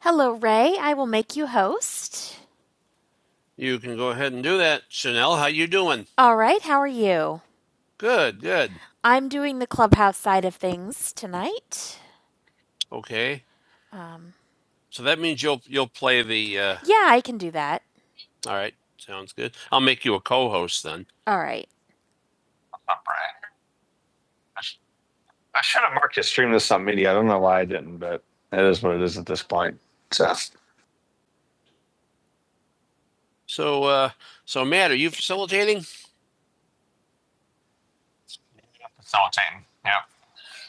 Hello, Ray. I will make you host. You can go ahead and do that. Chanel, how you doing? All right. How are you? Good, good. I'm doing the clubhouse side of things tonight. Okay. Um, So that means you'll you'll play the uh yeah, I can do that. all right, sounds good. I'll make you a co-host then. All right. All right. I sh- I should have marked it stream this on media. I don't know why I didn't, but it is what it is at this point. So So uh so Matt, are you facilitating? facilitating. Yeah.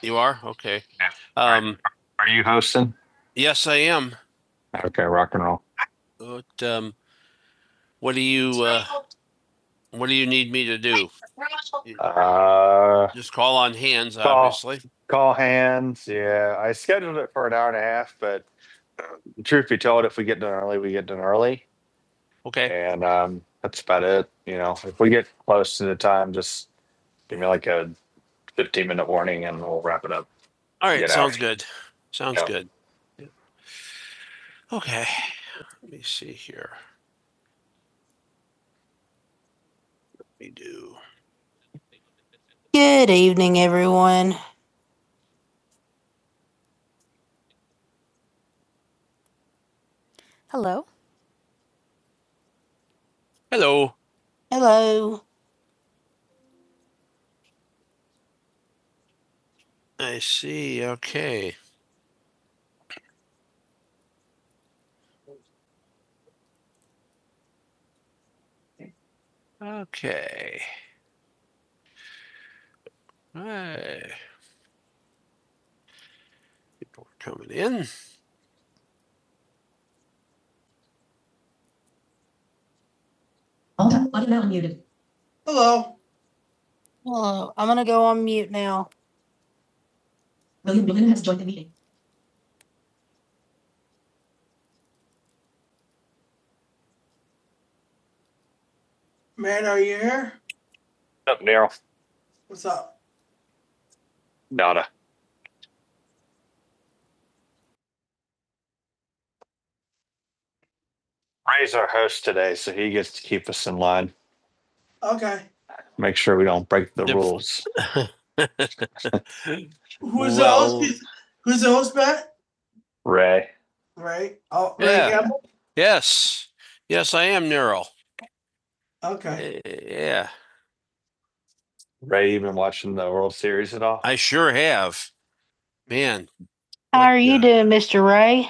You are? Okay. Yeah. Um, Are are you hosting? yes, I am. Okay, rock and roll. But, um, what do you, uh, what do you need me to do? Uh, Just call on hands, Call. obviously. call hands. Yeah, I scheduled it for an hour and a half, but truth be told, if we get done early, we get done early, Okay. and um, that's about it. You know, if we get close to the time, just give me like a fifteen minute warning, and we'll wrap it up. All right. Sounds good. Sounds Yeah. good. Okay. Let me see here. Let me do. Good evening, everyone. Hello. Hello. Hello. I see. Okay. Okay. Hey. People are coming in. Alta, audio now unmuted. Hello, Hello. I'm gonna go on mute now. William Bluden has joined the meeting. man, are you here? What's Up, Neil. What's up? Donna. Ray's our host today, so he gets to keep us in line. Okay. Make sure we don't break the rules. Who's Well- the host? Who's the host, Matt? Ray. Ray, Oh, Ray Yeah. Campbell? Yes, yes, I am Neural. Okay. Eh, Yeah, Ray, you been watching the World Series at all? I sure have. Man, How Like, are you uh, doing, Mr. Ray?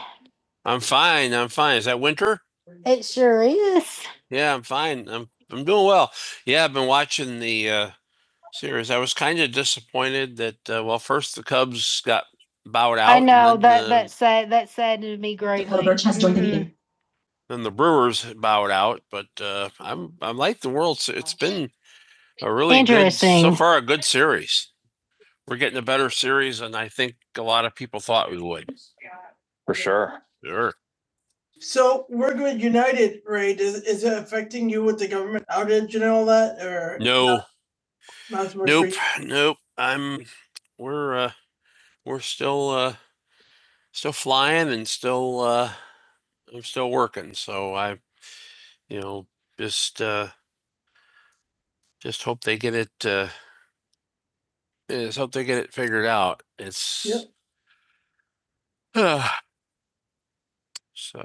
I'm fine. I'm fine. Is that winter? It sure is. Yeah, I'm fine. I'm I'm doing well. Yeah, I've been watching the uh series. I was kind of disappointed that uh, well, first the Cubs got bowed out. I know that the- that sad that saddened me greatly. Clover Mhm. Then the Brewers bowed out, but uh, I'm I'm like the world. It's been a really good, so far a good series. We're getting a better series than I think a lot of people thought we would. for sure. Sure. So we're going to unite it, Ray. Does, is it affecting you with the government outage and all that, or No, Not so nope, you? nope. I'm we're uh, we're still uh, still flying and still uh, I'm still working. So I you know just uh, just hope they get it uh, is hope they get it figured out. It's yep. uh, so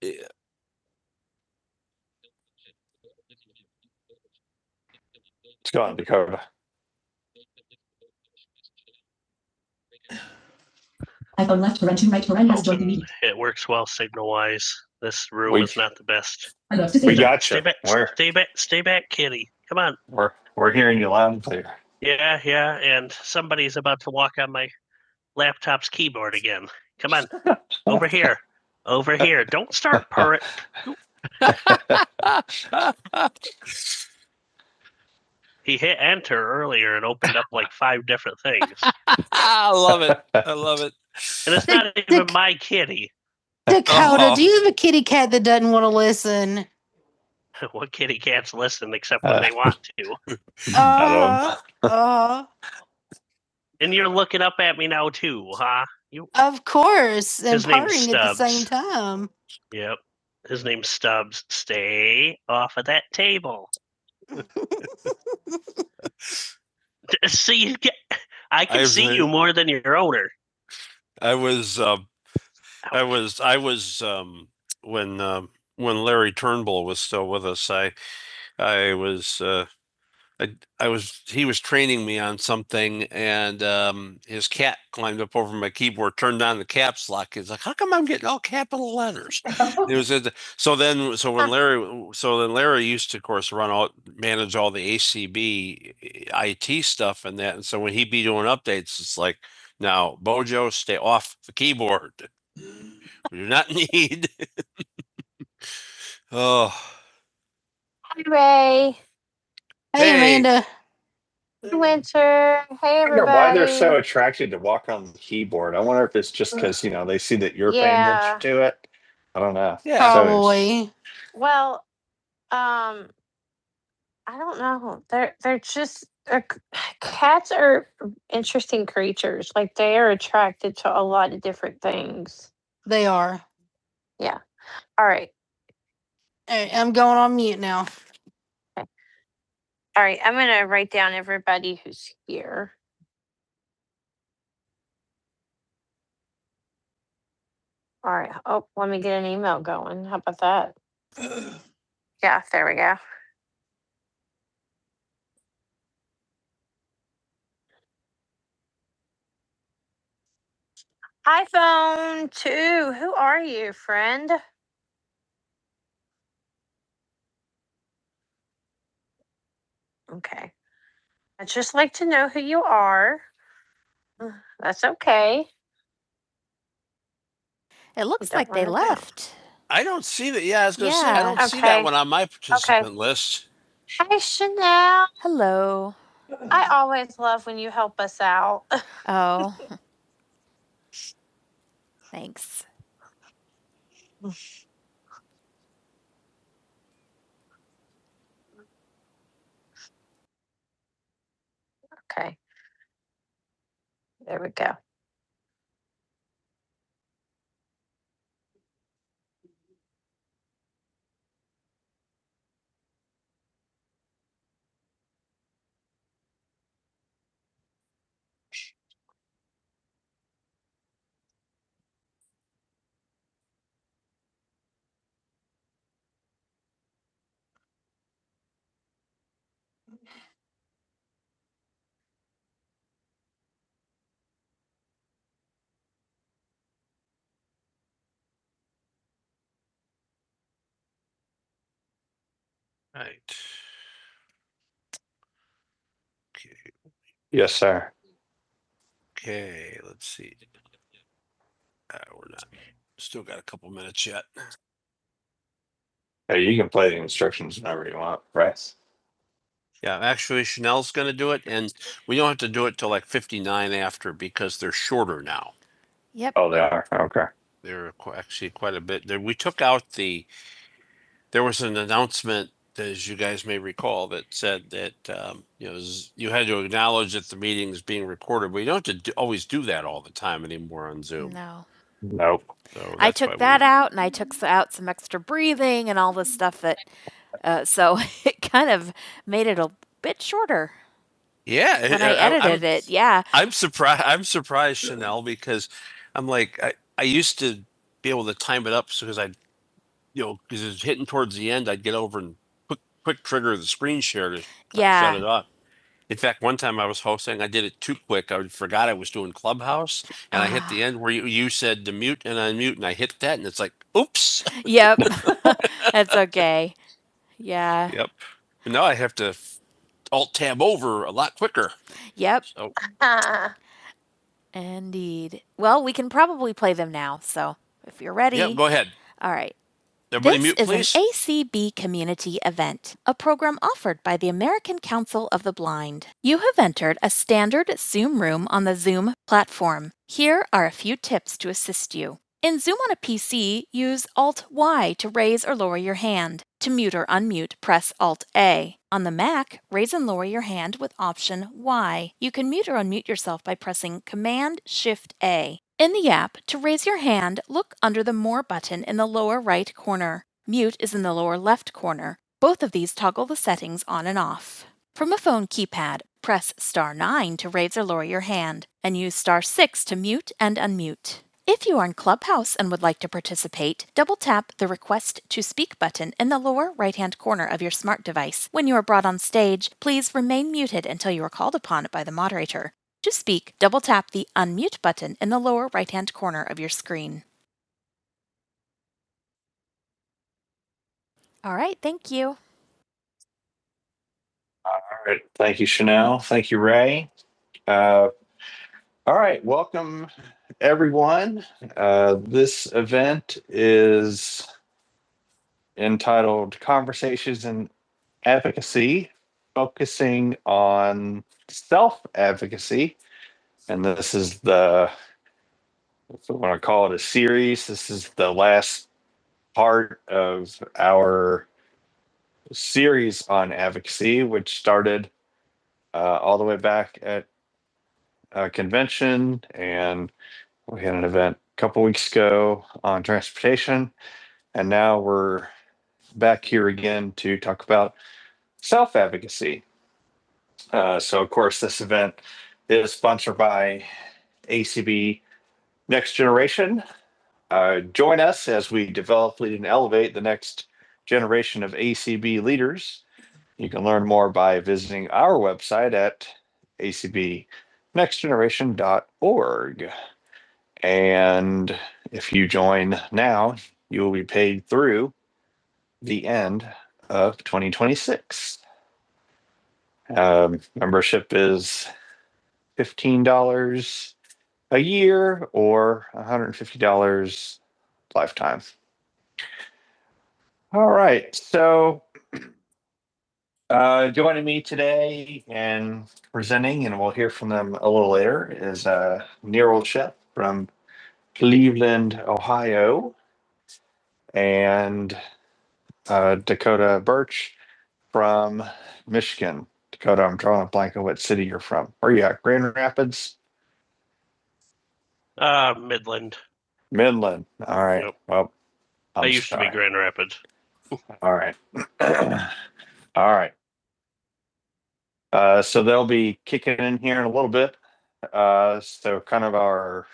yeah. It's gone, Dakota. iPhone left paren to right paren has joined the meeting. It works well signal wise. This room We- is not the best. I love to see We say that. got Stay you. Stay back, stay back, stay back, kitty. Come on. we're we're hearing you loud and clear. Yeah, yeah. And somebody's about to walk on my laptop's keyboard again. Come on, over here, over here. Don't start purring. He hit enter earlier and opened up like five different things. I love it. I love it. And it's not Dick- even the, my kitty. Dakota, Oh. do you have a kitty cat that doesn't want to listen? What kitty cats listen except when Uh. they want to? Uh, uh, And you're looking up at me now too, huh? You of course, and purring at the same time. Yep. His name's Stubbs. Stay off of that table. See, I can I've see heard- you more than your owner. I was, uh, I was, I was, um, when, um, when Larry Turnbull was still with us, I, I was, uh, I, I was, he was training me on something and, um, his cat climbed up over my keyboard, turned on the caps lock. He's like, how come I'm getting all capital letters? It was, at so then, so when Larry, so then Larry used to, of course, run all, manage all the ACB IT stuff and that. And so when he'd be doing updates, it's like, now Bojo, stay off the keyboard. We do not need. Oh, Hi, Ray. Hey, Hey. Amanda. Hi, Winter. Hey, everybody. I wonder everybody. why they're so attracted to walk on the keyboard. I wonder if it's just because you know they see that you're Yeah. paying attention to it. I don't know. yeah. So- Probably. So Well, um, I don't know. They're they're just they're, cats are interesting creatures. Like they are attracted to a lot of different things. They are. Yeah. All right. All right, I'm going on mute now. Okay. All right, I'm gonna write down everybody who's here. All right, oh, let me get an email going. How about that? Yeah, there we go. iPhone two, who are you, friend? Okay, I'd just like to know who you are. That's okay. It looks like they left. I don't see that. Yeah, I was going to yeah. say, Yeah. I don't okay. see that Okay. one on my participant okay. list. Hi, Chanel. Hello. I always love when you help us out. Oh, thanks. Okay, there we go. Right. Okay. Yes, sir. Okay, let's see. Uh, we're not, still got a couple minutes yet. Hey, you can play the instructions whenever you want, right? Yeah, actually Chanel's gonna do it and we don't have to do it till like fifty-nine after because they're shorter now. Yep. Oh, they are. Okay. They're actually quite a bit We took out the there was an announcement, as you guys may recall, that said that, um, you know, you had to acknowledge that the meeting is being recorded. We don't have to always do that all the time anymore on Zoom. No. Nope. So I that's why took we- that we... out and I took out some extra breathing and all this stuff that, uh, so it kind of made it a bit shorter Yeah. when I I'm- edited I'm, it. Yeah. I'm surprised. I'm surprised, Chanel, because I'm like I, I used to be able to time it up because I you know, because it's hitting towards the end, I'd get over and quick quick trigger the screen share to yeah. shut it Yeah. off. In fact, one time I was hosting, I did it too quick. I forgot I was doing Clubhouse, and ah. I hit the Ah. end where you, you said to mute and unmute, and I hit that, and it's like, oops. Yep. That's okay. Yeah. Yep. And now I have to alt tab over a lot quicker. Yep. So, Indeed. Well, we can probably play them now. So if you're ready, yeah, go ahead. All right. Everybody mute, please. This is an ACB community event, a program offered by the American Council of the Blind. You have entered a standard Zoom room on the Zoom platform. Here are a few tips to assist you. In Zoom on a PC, use Alt Y to raise or lower your hand. To mute or unmute, press Alt A. On the Mac, raise and lower your hand with Option Y. You can mute or unmute yourself by pressing Command Shift A. In the app, to raise your hand, look under the More button in the lower right corner. Mute is in the lower left corner. Both of these toggle the settings on and off. From a phone keypad, press star 9 to raise or lower your hand, and use star 6 to mute and unmute. If you are in Clubhouse and would like to participate, double tap the Request to Speak button in the lower right hand corner of your smart device. When you are brought on stage, please remain muted until you are called upon by the moderator. To speak, double tap the Unmute button in the lower right hand corner of your screen. All right, thank you. All right. Thank you, Chanel. Thank you, Ray. Uh, All right, welcome everyone. Uh, this event is entitled Conversations in Advocacy, focusing on self advocacy. And this is the, if we want to call it a series, this is the last part of our series on advocacy, which started uh, all the way back at a convention. And we had an event a couple weeks ago on transportation And now we're back here again to talk about self advocacy. Uh, so, of course, this event is sponsored by ACB Next Generation. Uh, join us as we develop, lead, and elevate the next generation of ACB leaders. You can learn more by visiting our website at acbnextgeneration.org. And if you join now, you will be paid through the end of 2026. Um, membership is $15 a year or $150 lifetime. All right. So, uh, joining me today and presenting, and we'll hear from them a little later, is uh, Nero Shep from Cleveland, Ohio, and uh, Dakota Birch from Michigan. Dakota, I'm drawing a blank on what city you're from. Where are you at? Grand Rapids? Uh, Midland. Midland. All right. Yep. Well, i I'm I used sorry. to be Grand Rapids. All right. All right. Uh, so they'll be kicking in here in a little bit. Uh, so kind of our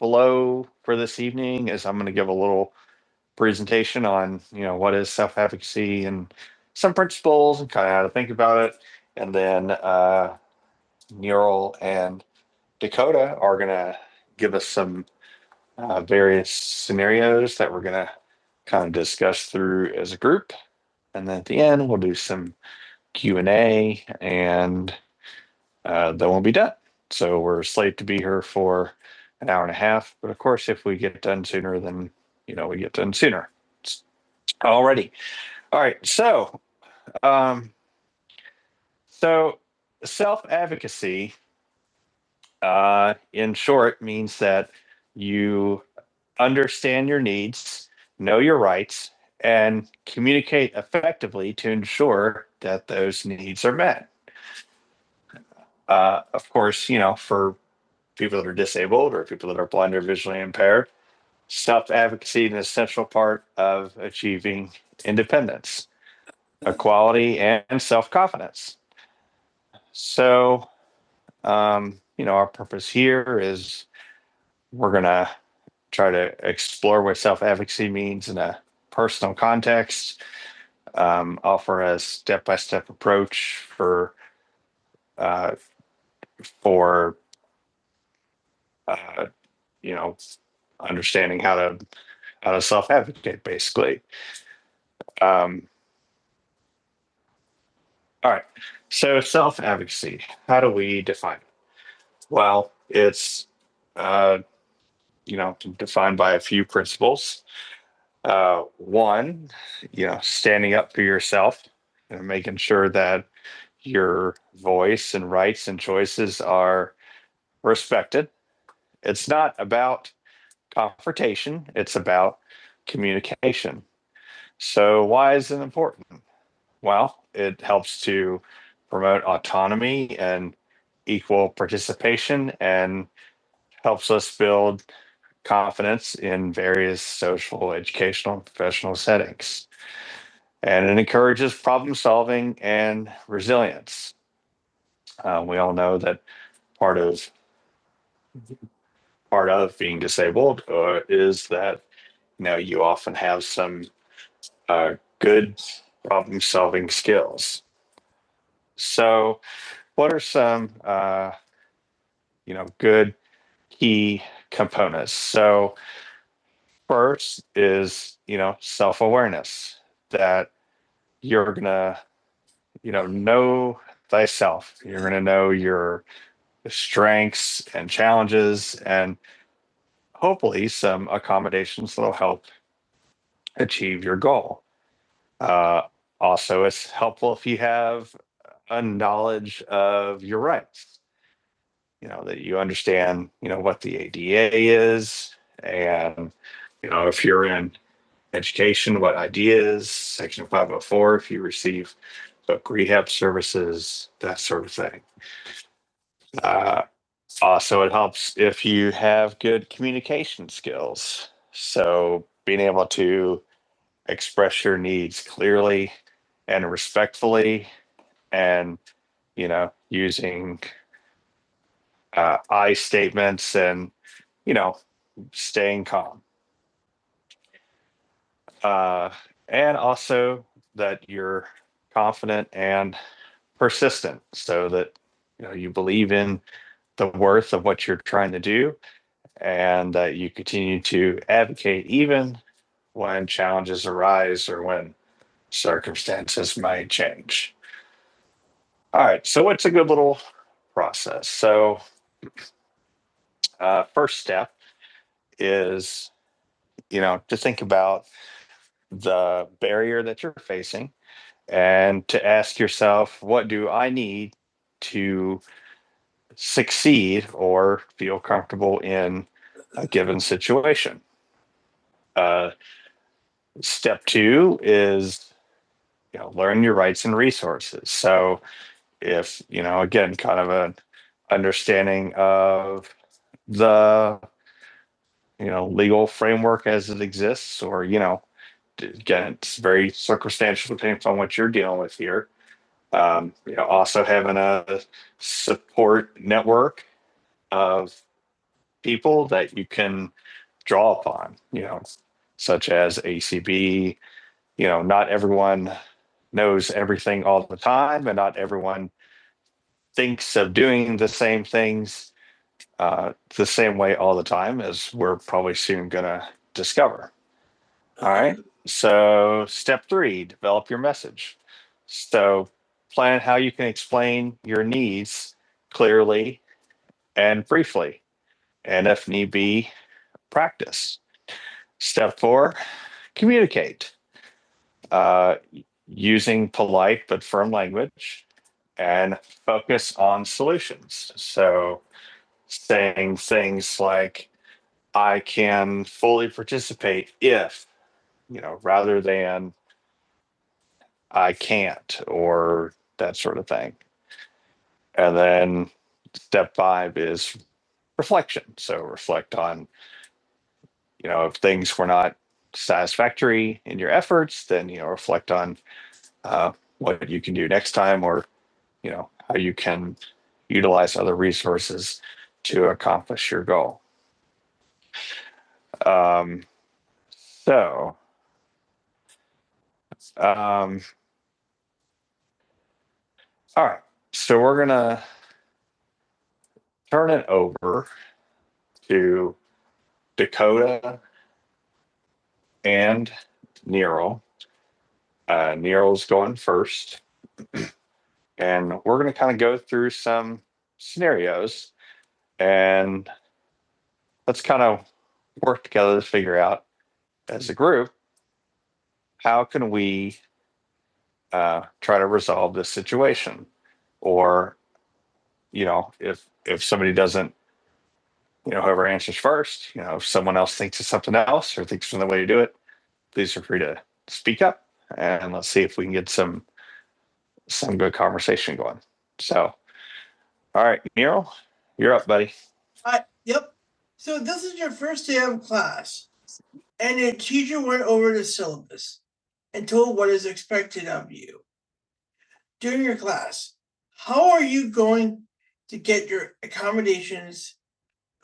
flow for this evening is I'm going to give a little presentation on, you know, what is self-efficacy and some principles and kind of how to think about it. And then uh, Neural and Dakota are going to give us some uh, various scenarios that we're going to kind of discuss through as a group. And then at the end, we'll do some Q and A, and uh, then we'll be done. So we're slated to be here for an hour and a half. But of course, if we get done sooner, then you know we get done sooner. Already, all right. So, um, so self advocacy uh, in short, means that you understand your needs, know your rights, and communicate effectively to ensure that those needs are met. Uh, of course, you know, for people that are disabled or people that are blind or visually impaired, self advocacy is an essential part of achieving independence, equality, and self confidence. So, um, you know, our purpose here is We're going to try to explore what self advocacy means in a personal context, um, offer a step by step approach for, uh, for uh, you know, understanding how to how to self advocate, basically. Um, all right. So, self advocacy, how do we define it? Well, it's, uh, you know, defined by a few principles uh, one, you know, standing up for yourself and making sure that your voice and rights and choices are respected. It's not about confrontation, it's about communication. So, why is it important? Well, it helps to promote autonomy and equal participation and helps us build confidence in various social, educational, and professional settings. and it encourages problem solving and resilience. Uh, we all know that part of part of being disabled uh, is that you know you often have some uh, good problem solving skills. So, what are some uh, you know good key components? So, first is you know self awareness that you're gonna you know know thyself. You're gonna know your strengths and challenges, and hopefully some accommodations that'll help achieve your goal. Uh, also, it's helpful if you have a knowledge of your rights, you know, that you understand, you know, what the ADA is, and, you know, if you're in education, what ideas, Section 504, if you receive book rehab services, that sort of thing. Uh, Also, it helps if you have good communication skills. So, being able to express your needs clearly and respectfully, and you know, using uh, I statements and you know, staying calm, uh, and also that you're confident and persistent, so that you know you believe in the worth of what you're trying to do and that you continue to advocate even when challenges arise or when circumstances might change. All right, so it's a good little process. So, uh, first step is you know to think about the barrier that you're facing and to ask yourself, what do I need to succeed or feel comfortable in a given situation? Uh, step two is you know learn your rights and resources so if you know again kind of an understanding of the you know legal framework as it exists or you know again it's very circumstantial depending on what you're dealing with here um, you know also having a support network of people that you can draw upon you know such as acb you know not everyone knows everything all the time and not everyone thinks of doing the same things uh, the same way all the time, as we're probably soon going to discover. All right. So, step three develop your message. So, plan how you can explain your needs clearly and briefly, and if need be, practice. Step four communicate uh, using polite but firm language and focus on solutions. So, saying things like i can fully participate if you know rather than i can't or that sort of thing and then step five is reflection so reflect on you know if things were not satisfactory in your efforts then you know reflect on uh, what you can do next time or you know how you can utilize other resources to accomplish your goal um, so um, All right. So we're going to turn it over to Dakota and Nero. Uh, Nero's going first, and we're going to kind of go through some scenarios and let's kind of work together to figure out as a group how can we uh, try to resolve this situation or you know if if somebody doesn't you know whoever answers first you know if someone else thinks of something else or thinks of another way to do it please feel free to speak up and let's see if we can get some some good conversation going. So, all right, Nero, you're up, buddy. Uh, Yep. So this is your first day of class, and your teacher went over the syllabus and told what is expected of you during your class. How are you going to get your accommodations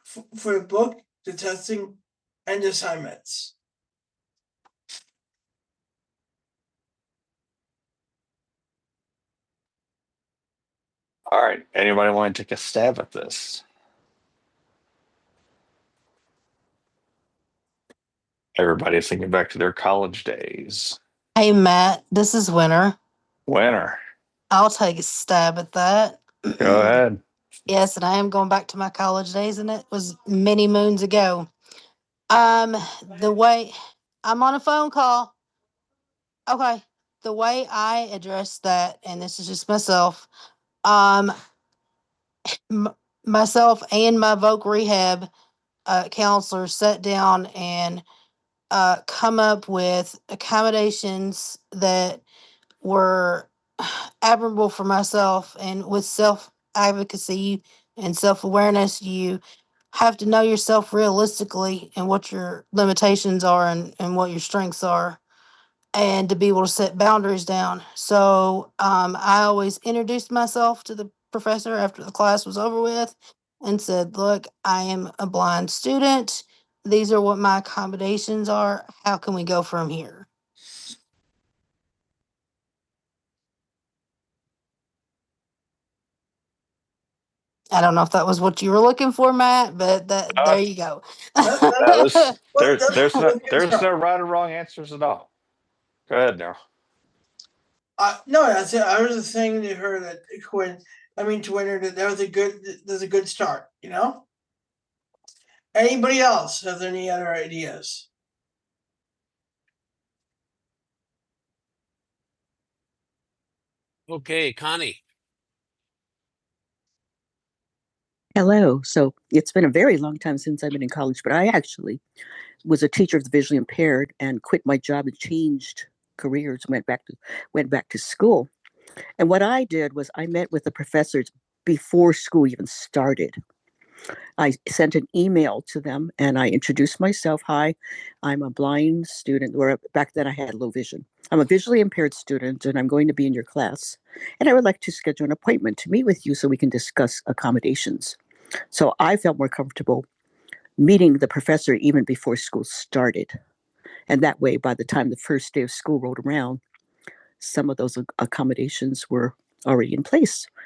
f- for the book, the testing, and assignments? All right, anybody want to take a stab at this? Everybody's thinking back to their college days. Hey, Matt, this is Winter. Winter, I'll take a stab at that. Go ahead. Yes, and I am going back to my college days, and it was many moons ago. Um, the way I'm on a phone call. Okay. The way I address that, and this is just myself, um, m- myself and my voc rehab uh, counselor sat down and uh, come up with accommodations that were admirable for myself and with self advocacy and self awareness, you have to know yourself realistically and what your limitations are and, and what your strengths are and to be able to set boundaries down. So um, I always introduced myself to the professor after the class was over with and said, Look, I am a blind student. These are what my accommodations are. How can we go from here? I don't know if that was what you were looking for, Matt, but that Uh, there you go. That- that- No, Well, there's, there's no, there's no right or wrong answers at all. Go ahead now. Uh, no, I said I was just saying to her that Quinn, I mean to Winter, that that was a good, that was a good start, you know. Anybody else have any other ideas? Okay, Connie. me,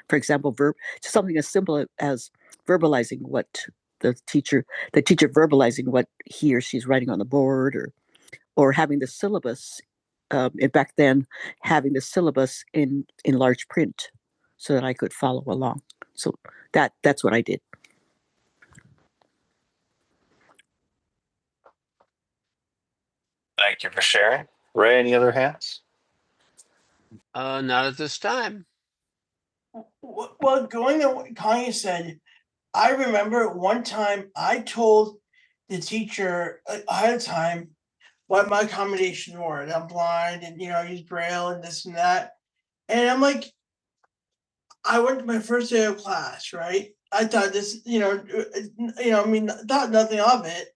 for example, verb something as simple as verbalizing what the teacher the teacher verbalized he or she's writing on the board or, or having this Thank you for sharing. Ray, any other hands? Uh, not at this time. Well, going to what Connie said, I remember one time I told the teacher uh, ahead of time what my accommodations were. And I'm blind and, you know, I use braille and this and that. And I'm like, I went to my first day of class, right? I thought this, you know, uh, uh, you know, I mean, thought nothing of it,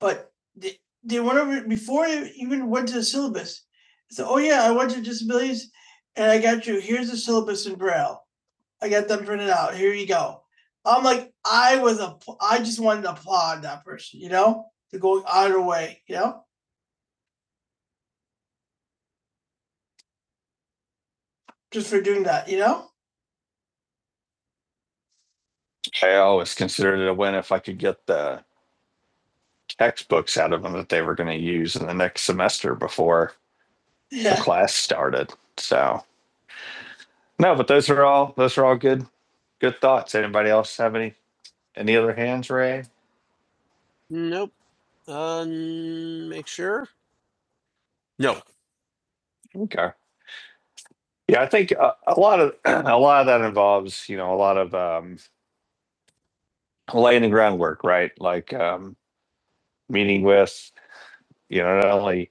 but they, they went over before I even went to the syllabus. So, oh yeah, I went to disabilities, and I got you. Here's the syllabus in braille. I got them printed out. Here you go. I'm like, I was a, I just wanted to applaud that person, you know, to go out of their way, you know, just for doing that, you know. I always considered it a win if I could get the textbooks out of them that they were going to use in the next semester before yeah. the Yeah. class started. So no, but those are all those are all good good thoughts. Anybody else have any any other hands raised? Nope. Um, make sure. No. Okay. Yeah, I think a, a lot of a lot of that involves you know a lot of um, laying the groundwork, right? Like um, meeting with you know not only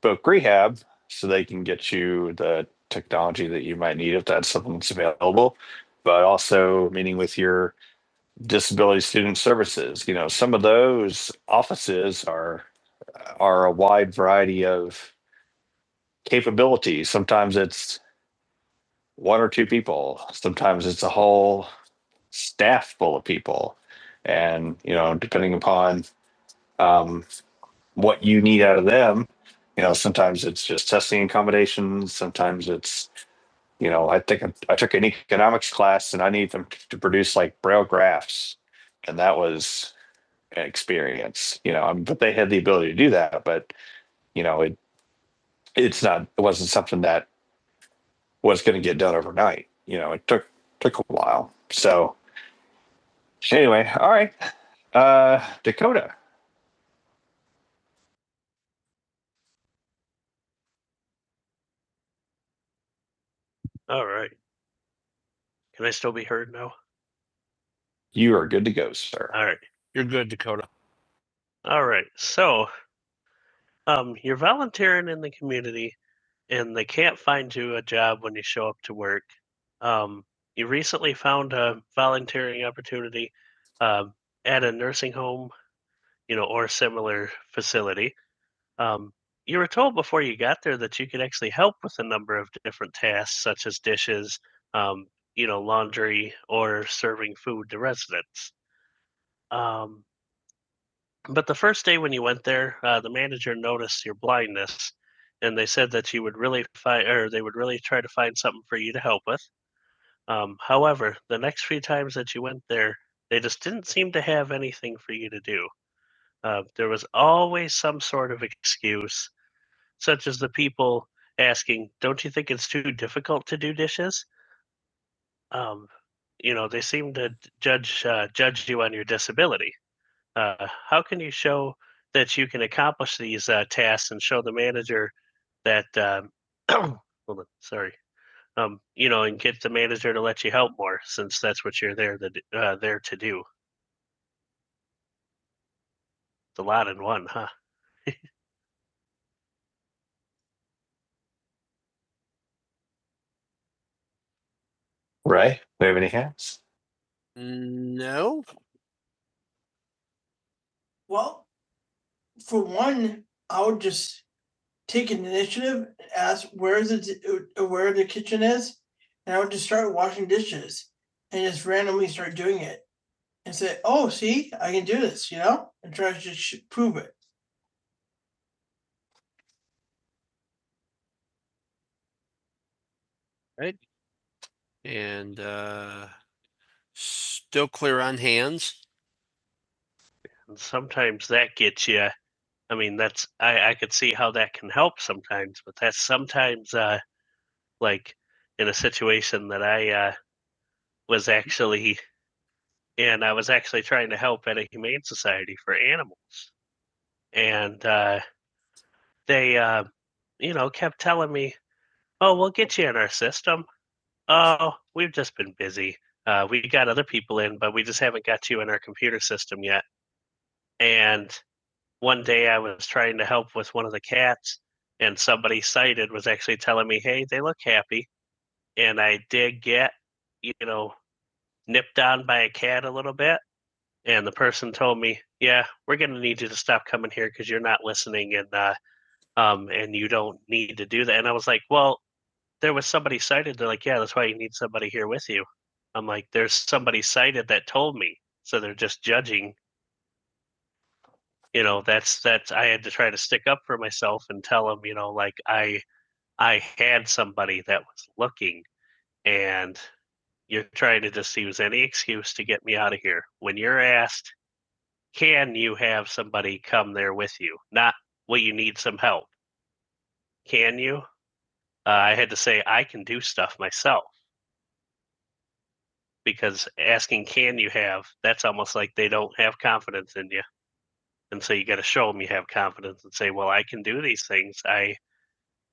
book rehab so they can get you the technology that you might need if that's something that's available but also meeting with your disability student services you know some of those offices are are a wide variety of capabilities sometimes it's one or two people sometimes it's a whole staff full of people and you know depending upon um, what you need out of them you know sometimes it's just testing accommodations sometimes it's you know, I think I, I took an economics class and I need them to produce like braille graphs. And that was an experience, you know, I mean, but they had the ability to do that, but you know, it, it's not, it wasn't something that was going to get done overnight. You know, it took, took a while. So anyway, all right. Uh, Dakota, All right. Can I still be heard now? you are good to go, sir. All right. You're good, Dakota. All right. So Um, you're volunteering in the community and they can't find you a job when you show up to work. Um, you recently found a volunteering opportunity um, at a nursing home, you know, or similar facility. Um, you were told before you got there that you could actually help with a number of different tasks, such as dishes, um, you know, laundry, or serving food to residents. Um, but the first day when you went there, uh, the manager noticed your blindness, and they said that you would really find, or they would really try to find something for you to help with. Um, however, the next few times that you went there, they just didn't seem to have anything for you to do. Uh, there was always some sort of excuse, such as the people asking, "Don't you think it's too difficult to do dishes?" Um, you know, they seem to judge uh, judge you on your disability uh, how can you show that you can accomplish these uh, tasks and show the manager that um, hold on, sorry um, you know and get the manager to let you help more since that's what you're there to d- uh, there to do the lot in one huh Right. do you have any hands? No. Well, for one, I would just take an initiative, and ask where the uh, where the kitchen is, and I would just start washing dishes and just randomly start doing it. and say, oh, see, I can do this, you know, and try to just prove it. Right, and uh still clear on hands. And sometimes that gets you. I mean, that's I I could see how that can help sometimes, but that's sometimes uh like in a situation that I uh was actually in. I was actually trying to help at a humane society for animals, and uh they uh you know kept telling me, "Oh, we'll get you in our system. Oh, we've just been busy. Uh, we got other people in, but we just haven't got you in our computer system yet. And one day I was trying to help with one of the cats, and somebody cited was actually telling me, hey, they look happy. And I did get, you know, nipped on by a cat a little bit. And the person told me, yeah, we're going to need you to stop coming here because you're not listening and, uh, um, and you don't need to do that. And I was like, well, there was somebody cited. They're like, yeah, that's why you need somebody here with you. I'm like, there's somebody cited that told me. So they're just judging. You know, that's that's I had to try to stick up for myself and tell them, you know, like I I had somebody that was looking and you're trying to just use any excuse to get me out of here. When you're asked, can you have somebody come there with you? Not, well, you need some help. Can you? Uh, I had to say, I can do stuff myself. because asking can you have that's almost like they don't have confidence in you and so you got to show them you have confidence and say well i can do these things i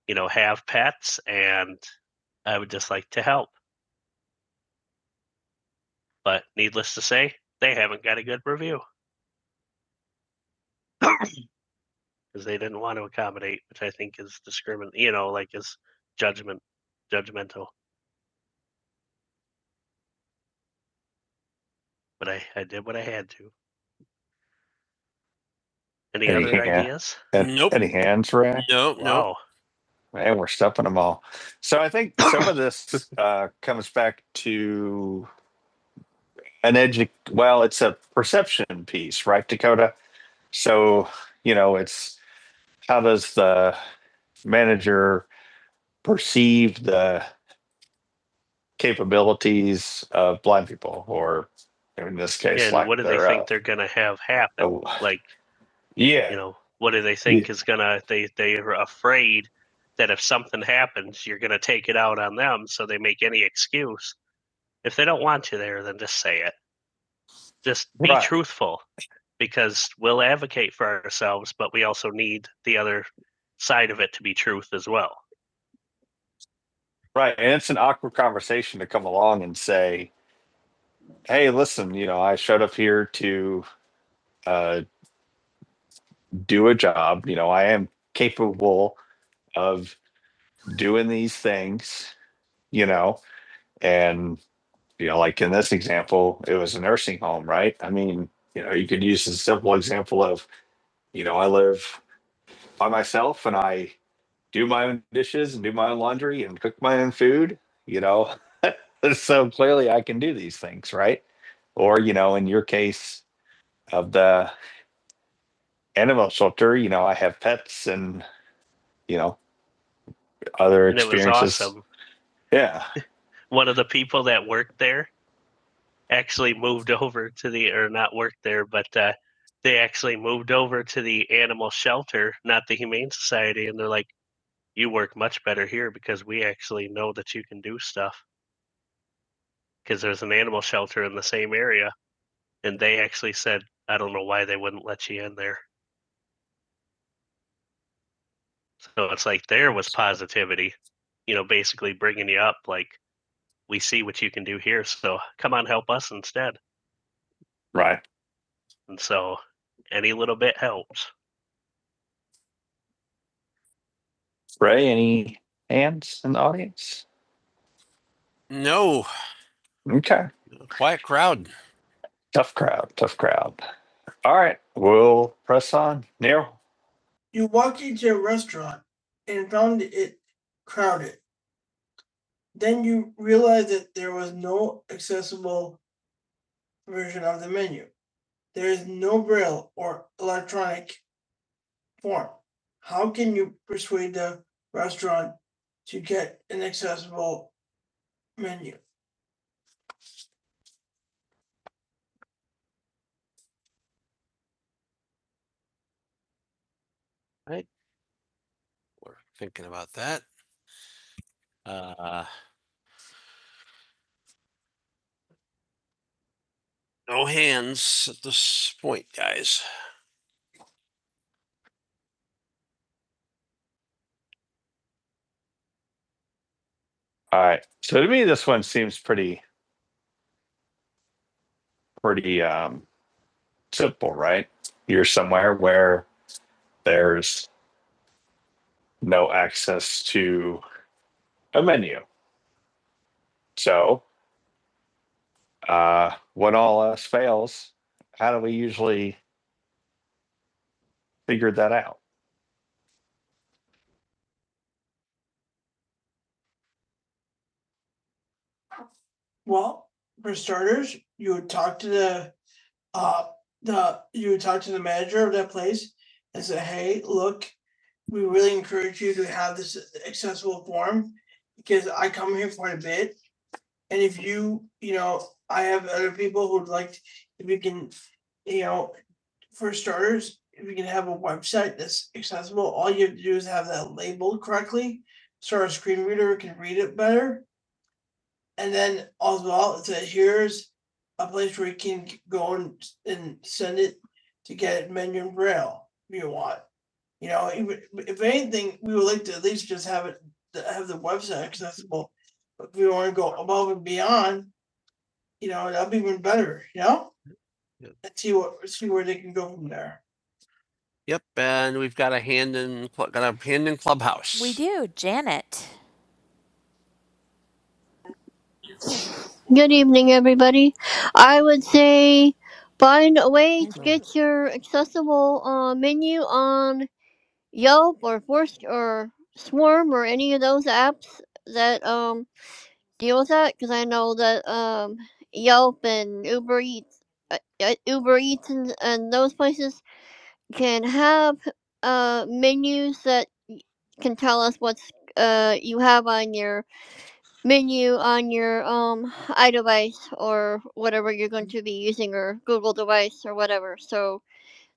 you know have pets and i would just like to help but needless to say they haven't got a good review because they didn't want to accommodate which i think is discrimin you know like is judgment judgmental but i i did what i had to any Any other hand- ideas Nope. Any hands Ray? No, no. no Man, we're stuffing them all. So I think some of this uh, comes back to an edu. Well, it's a perception piece, right, Dakota? So you know, it's how does the manager perceive the capabilities of blind people, or in this case, and like what do they think uh, they're going to have happen? uh, Like, Yeah. You know, what do they think yeah. is gonna? They they are afraid that if something happens, you're gonna take it out on them, so they make any excuse. If they don't want you there, then just say it. Just be Right. truthful, because we'll advocate for ourselves, but we also need the other side of it to be truth as well. Right. And it's an awkward conversation to come along and say, hey, listen, you know, I showed up here to uh, do a job. You know, I am capable of doing these things. you know, and you know, like in this example, it was a nursing home, right? I mean, you know, you could use a simple example of, you know, I live by myself and I do my own dishes and do my own laundry and cook my own food, you know. so clearly I can do these things, right? Or, you know, in your case of the animal shelter, you know, I have pets and, you know, other And experiences. it was experiences. awesome. Yeah. One of the people that worked there actually moved over to the, or not worked there, but uh, they actually moved over to the animal shelter, not the Humane Society. And they're like, you work much better here because we actually know that you can do stuff because there's an animal shelter in the same area. And they actually said, I don't know why they wouldn't let you in there. So it's like there was positivity, you know, basically bringing you up like, we see what you can do here. So come on, help us instead. Right. And so any little bit helps. Ray, any hands in the audience? No, Okay. quiet crowd. Tough crowd, tough crowd. All right, we'll press on. Neil, You walked into a restaurant and found it crowded. Then you realized that there was no accessible version of the menu. There is no braille or electronic form. How can you persuade the restaurant to get an accessible menu? Right. We're thinking about that. Uh, no hands at this point, guys. All right. So to me, this one seems pretty pretty um, simple, right? You're somewhere where there's no access to a menu. So uh, when all else fails, how do we usually figure that out? Well, for starters, you would talk to the uh, the, you talk to the manager of that place and say, hey, look, we really encourage you to have this accessible form because I come here quite a bit. And if you, you know, I have other people who'd like, to, if we can, you know, for starters, if we can have a website that's accessible, all you have to do is have that labeled correctly. So our screen reader can read it better. And then as well, it said, here's a place where you can go and, and send it to get it menu in braille if you want. You know, if, if anything, we would like to at least just have it, have the website accessible. But if we want to go above and beyond, you know, that'd be even better, you know? Yep. Let's see what, see where they can go from there. Yep, and we've got a hand in got a hand in clubhouse. We do, Janet. Good evening, everybody. I would say find a way Hand to lowered. get your accessible uh, menu on Yelp or Forst or Swarm or any of those apps that um deal with that because I know that um Yelp and Uber Eats, uh, uh, Uber Eats and, and those places can have uh menus that y- can tell us what's uh you have on your menu on your um iDevice or whatever you're going to be using or Google device or whatever. So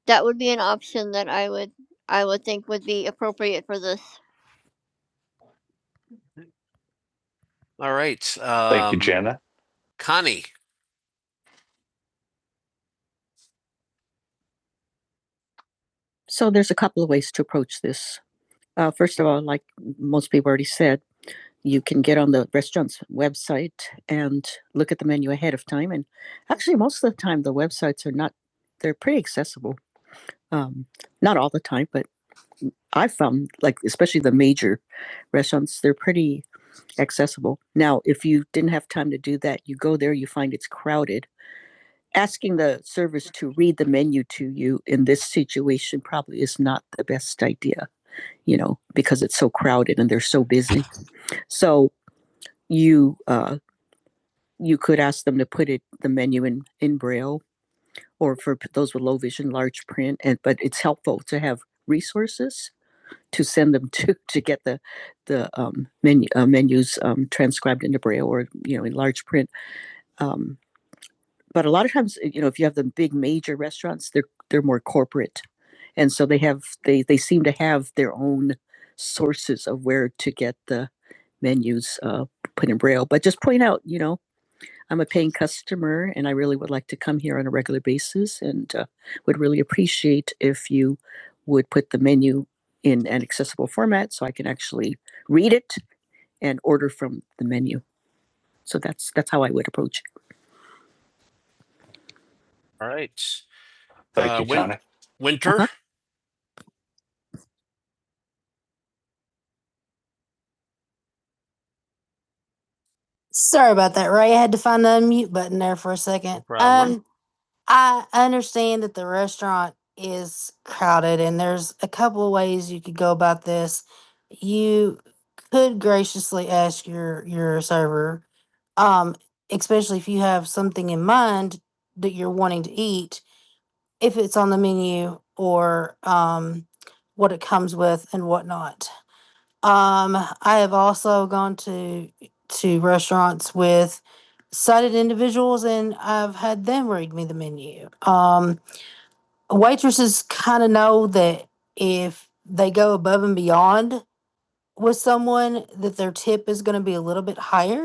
that would be an option that I would I would think would be appropriate for this. All right. Um, Thank you, Janet Connie. you could ask them to put it, the menu in, in braille or for those with low vision, large print. And, but, you know, you know, I'm a paying customer and I really would like to come here on a regular basis and uh, would really appreciate if you read it. And so that's, that's how I, All right. Thank Uh, you, Win- Johnny. Winter? Uh-huh. Sorry about that, Ray. I had to find the mute button there for a second. problem. I understand that the restaurant is crowded, and there's a couple of ways you could go about this. You could graciously ask your your server, um, especially if you have something in mind that you're wanting to eat, if it's on the menu or um, what it comes with and whatnot. Um, I have also gone to to restaurants with sighted individuals and I've had them read me the menu. Um, waitresses kind of know that if they go above and beyond with someone that their tip is going to be a little bit higher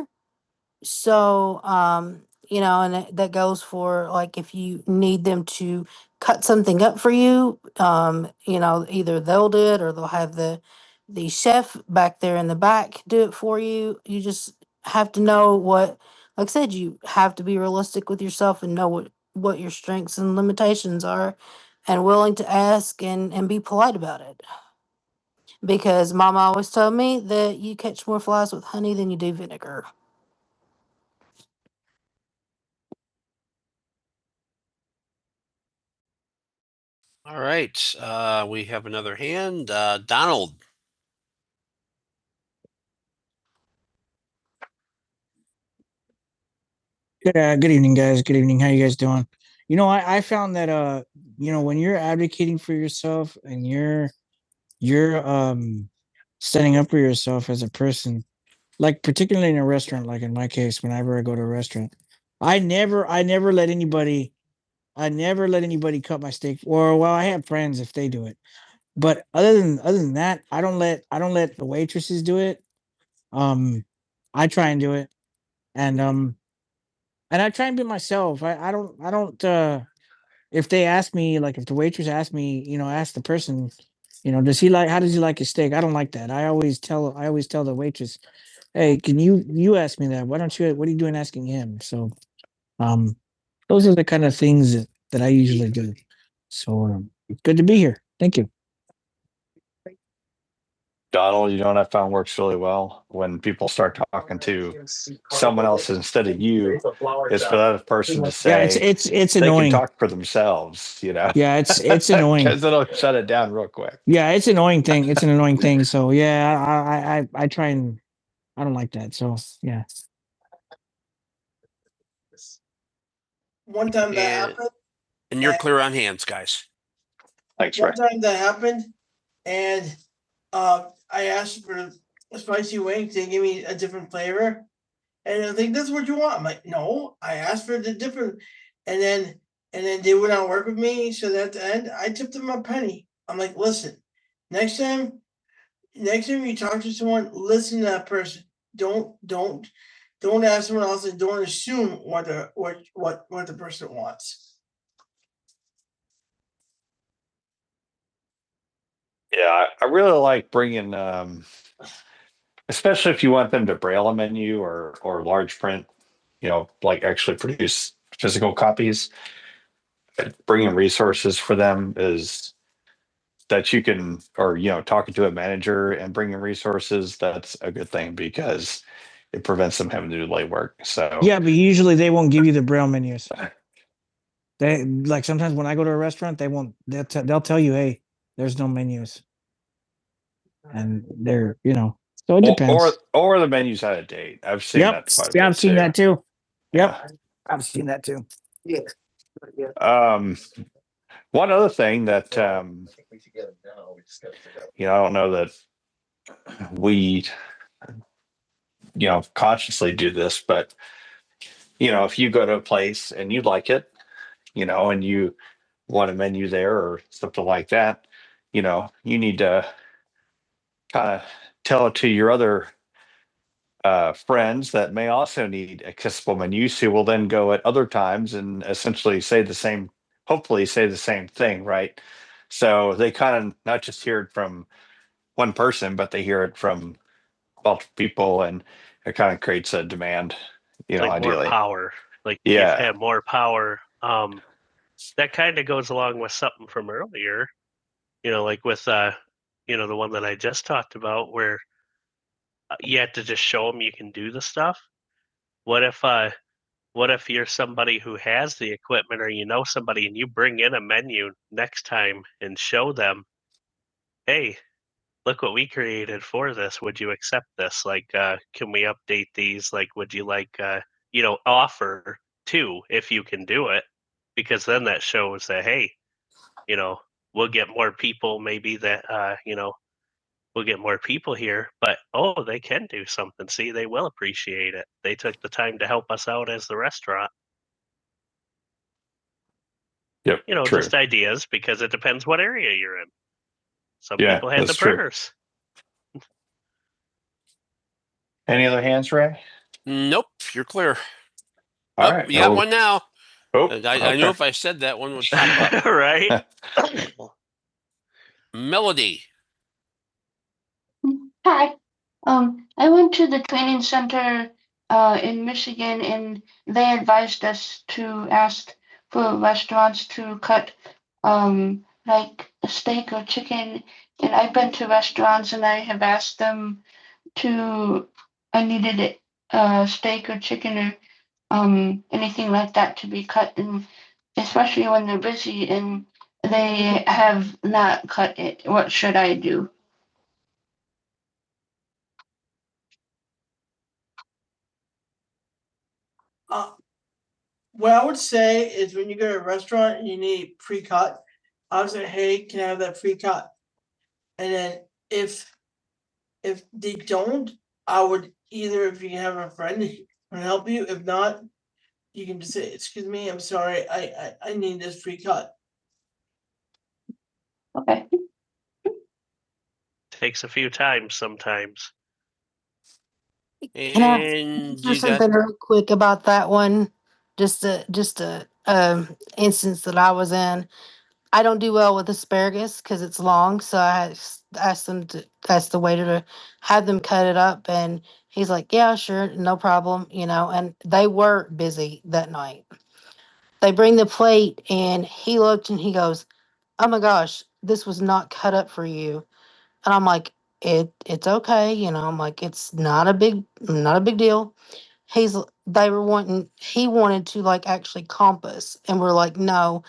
so, um, you know, and that, that goes for like if you need them to cut something up for you, um, you know, either they'll do it or they'll have the the chef back there in the back do it for you. You just have to know what, like I said, you have to be realistic with yourself and know what what your strengths and limitations are and willing to ask and and be polite about it because mama always told me that you catch more flies with honey than you do vinegar All right, uh, we have another hand. Uh, Donald. Yeah, good evening, guys. Good evening. How you guys doing? You know, I, I found that uh, you know, when you're advocating for yourself and you're you're um standing up for yourself as a person, like particularly in a restaurant, like in my case, whenever I go to a restaurant, I never I never let anybody I never let anybody but I don't let I don't let the waitresses do it. Um I try and do it. And um and I try and be myself. I, I don't I don't uh if those are the kind of things that, that I usually do. So um, good to be here. Thank you. Donald, you know what I found works really well when people start talking to someone else instead of you, It's for that person to say. Yeah, it's say it's it's they annoying. can talk for themselves, you know, Yeah, it's it's annoying. because it'll shut it down real quick. Yeah, it's an annoying thing. It's an annoying thing. So yeah, I I I, try and I don't like that. So yeah. One time that And, happened, and you're I, clear on hands, guys. Thanks, Ray. one Ray. time that happened, and Uh, I asked for spicy wings, they gave me a different flavor, and I think that's what you want. I'm like, no, I asked for the different, and then and then they would not work with me. So at the end, I tipped them a penny. I'm like, listen, next time, next time you talk to someone, listen to that person. Don't don't don't ask someone else and don't assume what the what what what the person wants. Yeah, I, really like bringing um, especially if you want them to braille a menu or or large print you know like actually produce physical copies bringing resources for them is that you can or you know talking to a manager and bringing resources that's a good thing because it prevents them having to do late work so Yeah, but usually they won't give you the braille menus. They like sometimes when I go to a restaurant, they won't. They'll, t- they'll tell you, "Hey, there's no menus." and they're you know so it depends. Or, or or the menu's out of date. I've seen yep, that. quite yeah, I've seen too. that too. Yeah. Yep, uh, I've seen that too. Yeah, yeah. Um, one other thing that um, you know, I don't know that we you know consciously do this, but you know, if you go to a place and you like it, you know, and you want a menu there or something like that, you know, you need to kind of tell it to your other uh, friends that may also need accessible menus who will then go at other times and essentially say the same, hopefully say the same thing, right? So they kind of not just hear it from one person, but they hear it from multiple people and it kind of creates a demand, you know, like more ideally. power. Like Yeah. have more power. Um, that kind of goes along with something from earlier. You know, like with uh, you know, the one that I just talked about, where uh, you have to just show them you can do the stuff. What if uh, What if you're somebody who has the equipment or you know somebody and you bring in a menu next time and show them, hey, look what we created for this. Would you accept this? Like, uh, can we update these? Like, would you like, uh, you know, offer two if you can do it? Because then that shows that, hey, you know, we'll get more people maybe that, uh, you know, we'll get more people here, but oh, they can do something. See, they will appreciate it. They took the time to help us out as the restaurant. Yep, You know, true. just ideas because it depends what area you're in. Some Yeah, people had the that's true. printers. Any other hands, Ray? Nope, you're clear. All Oh, right. You got Oh. one now. Oh, I, okay. I knew okay. if I said that one would pop up. right? Melody. Hi. Um, I went to the training center uh, in Michigan and they advised us to ask for restaurants to cut um, like a steak or chicken. And I've been to restaurants and I have asked them to I needed it, uh, steak or chicken or um, anything like that to be cut, and especially when they're busy and they have not. What should I do? Uh, what I would say is when you go to a restaurant and you need pre-cut, I would say, "Hey, can I have that pre-cut?" And then if if they don't, I would either if you have a friend who can help you. If not, you can just say, "Excuse me, I'm sorry, I I, I need this pre-cut." Okay. takes a few times sometimes. Can I And Or you got, something got... real quick about that one, just a, just a, um, instance that I was in. I don't do well with asparagus because it's long, so I asked- asked them to, asked the waiter to have them cut it up and he's like, yeah, sure, no problem, you know, and they were busy that night. They bring the plate and he looked and he goes, oh my gosh, this was not cut up for you. And I'm like, it it's okay, you know. I'm like, it's not a big not a big deal. He's l- they were wanting he wanted to like actually comp us, and we're like, no,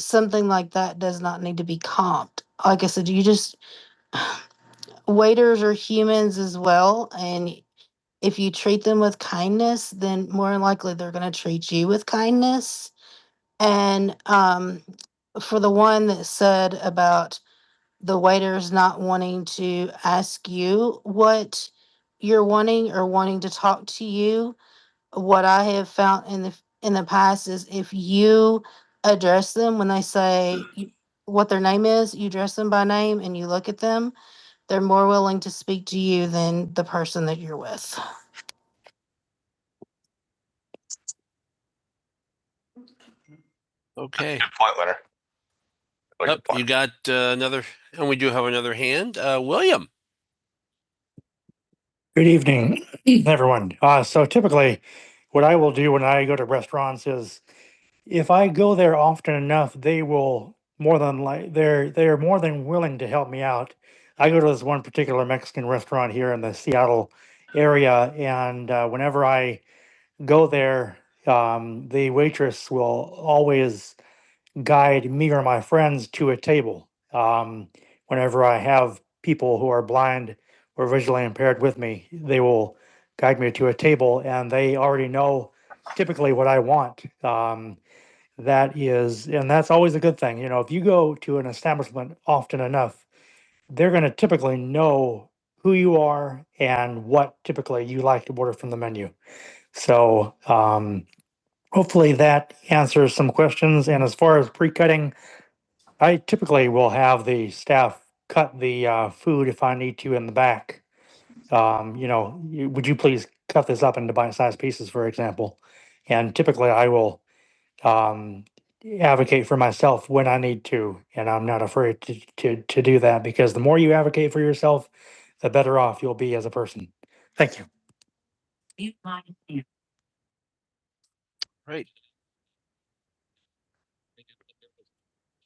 something like that does not need to be comped. Like I said, you just waiters are humans as well, and if you treat them with kindness, then more than likely they're gonna treat you with kindness. And um, for the one that said about the waiter's not wanting to ask you what you're wanting or wanting to talk to you what i have found in the in the past is if you address them when they say you- what their name is you address them by name and you look at them they're more willing to speak to you than the person that you're with Okay. Good point, Leonard. Really Yep, point. you got uh, another, and we do have another hand. Uh, William. lines, and that's always a good thing. You know, if you will have the staff Right.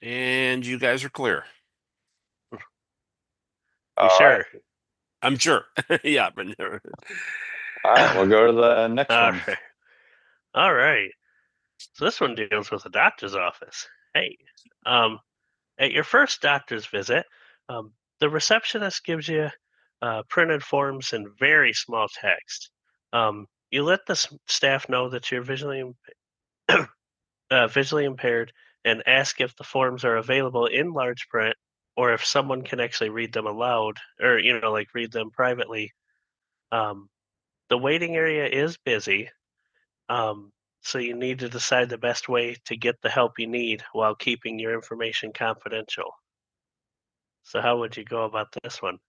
And you guys are clear. All sure? right. I'm sure. yeah, All right, we'll go to the next All one. right. All right. So this one deals with a doctor's office. Hey, um, at your first doctor's visit, um, the receptionist gives you uh, printed forms in very small text. Um, you let the staff know that you're visually uh, visually impaired and ask if the forms are available in large print or if someone can actually read them aloud or you know like read them privately Um, the waiting area is busy, um, so you need to decide the best way to get the help you need while keeping your information confidential. So, how would you go about this one?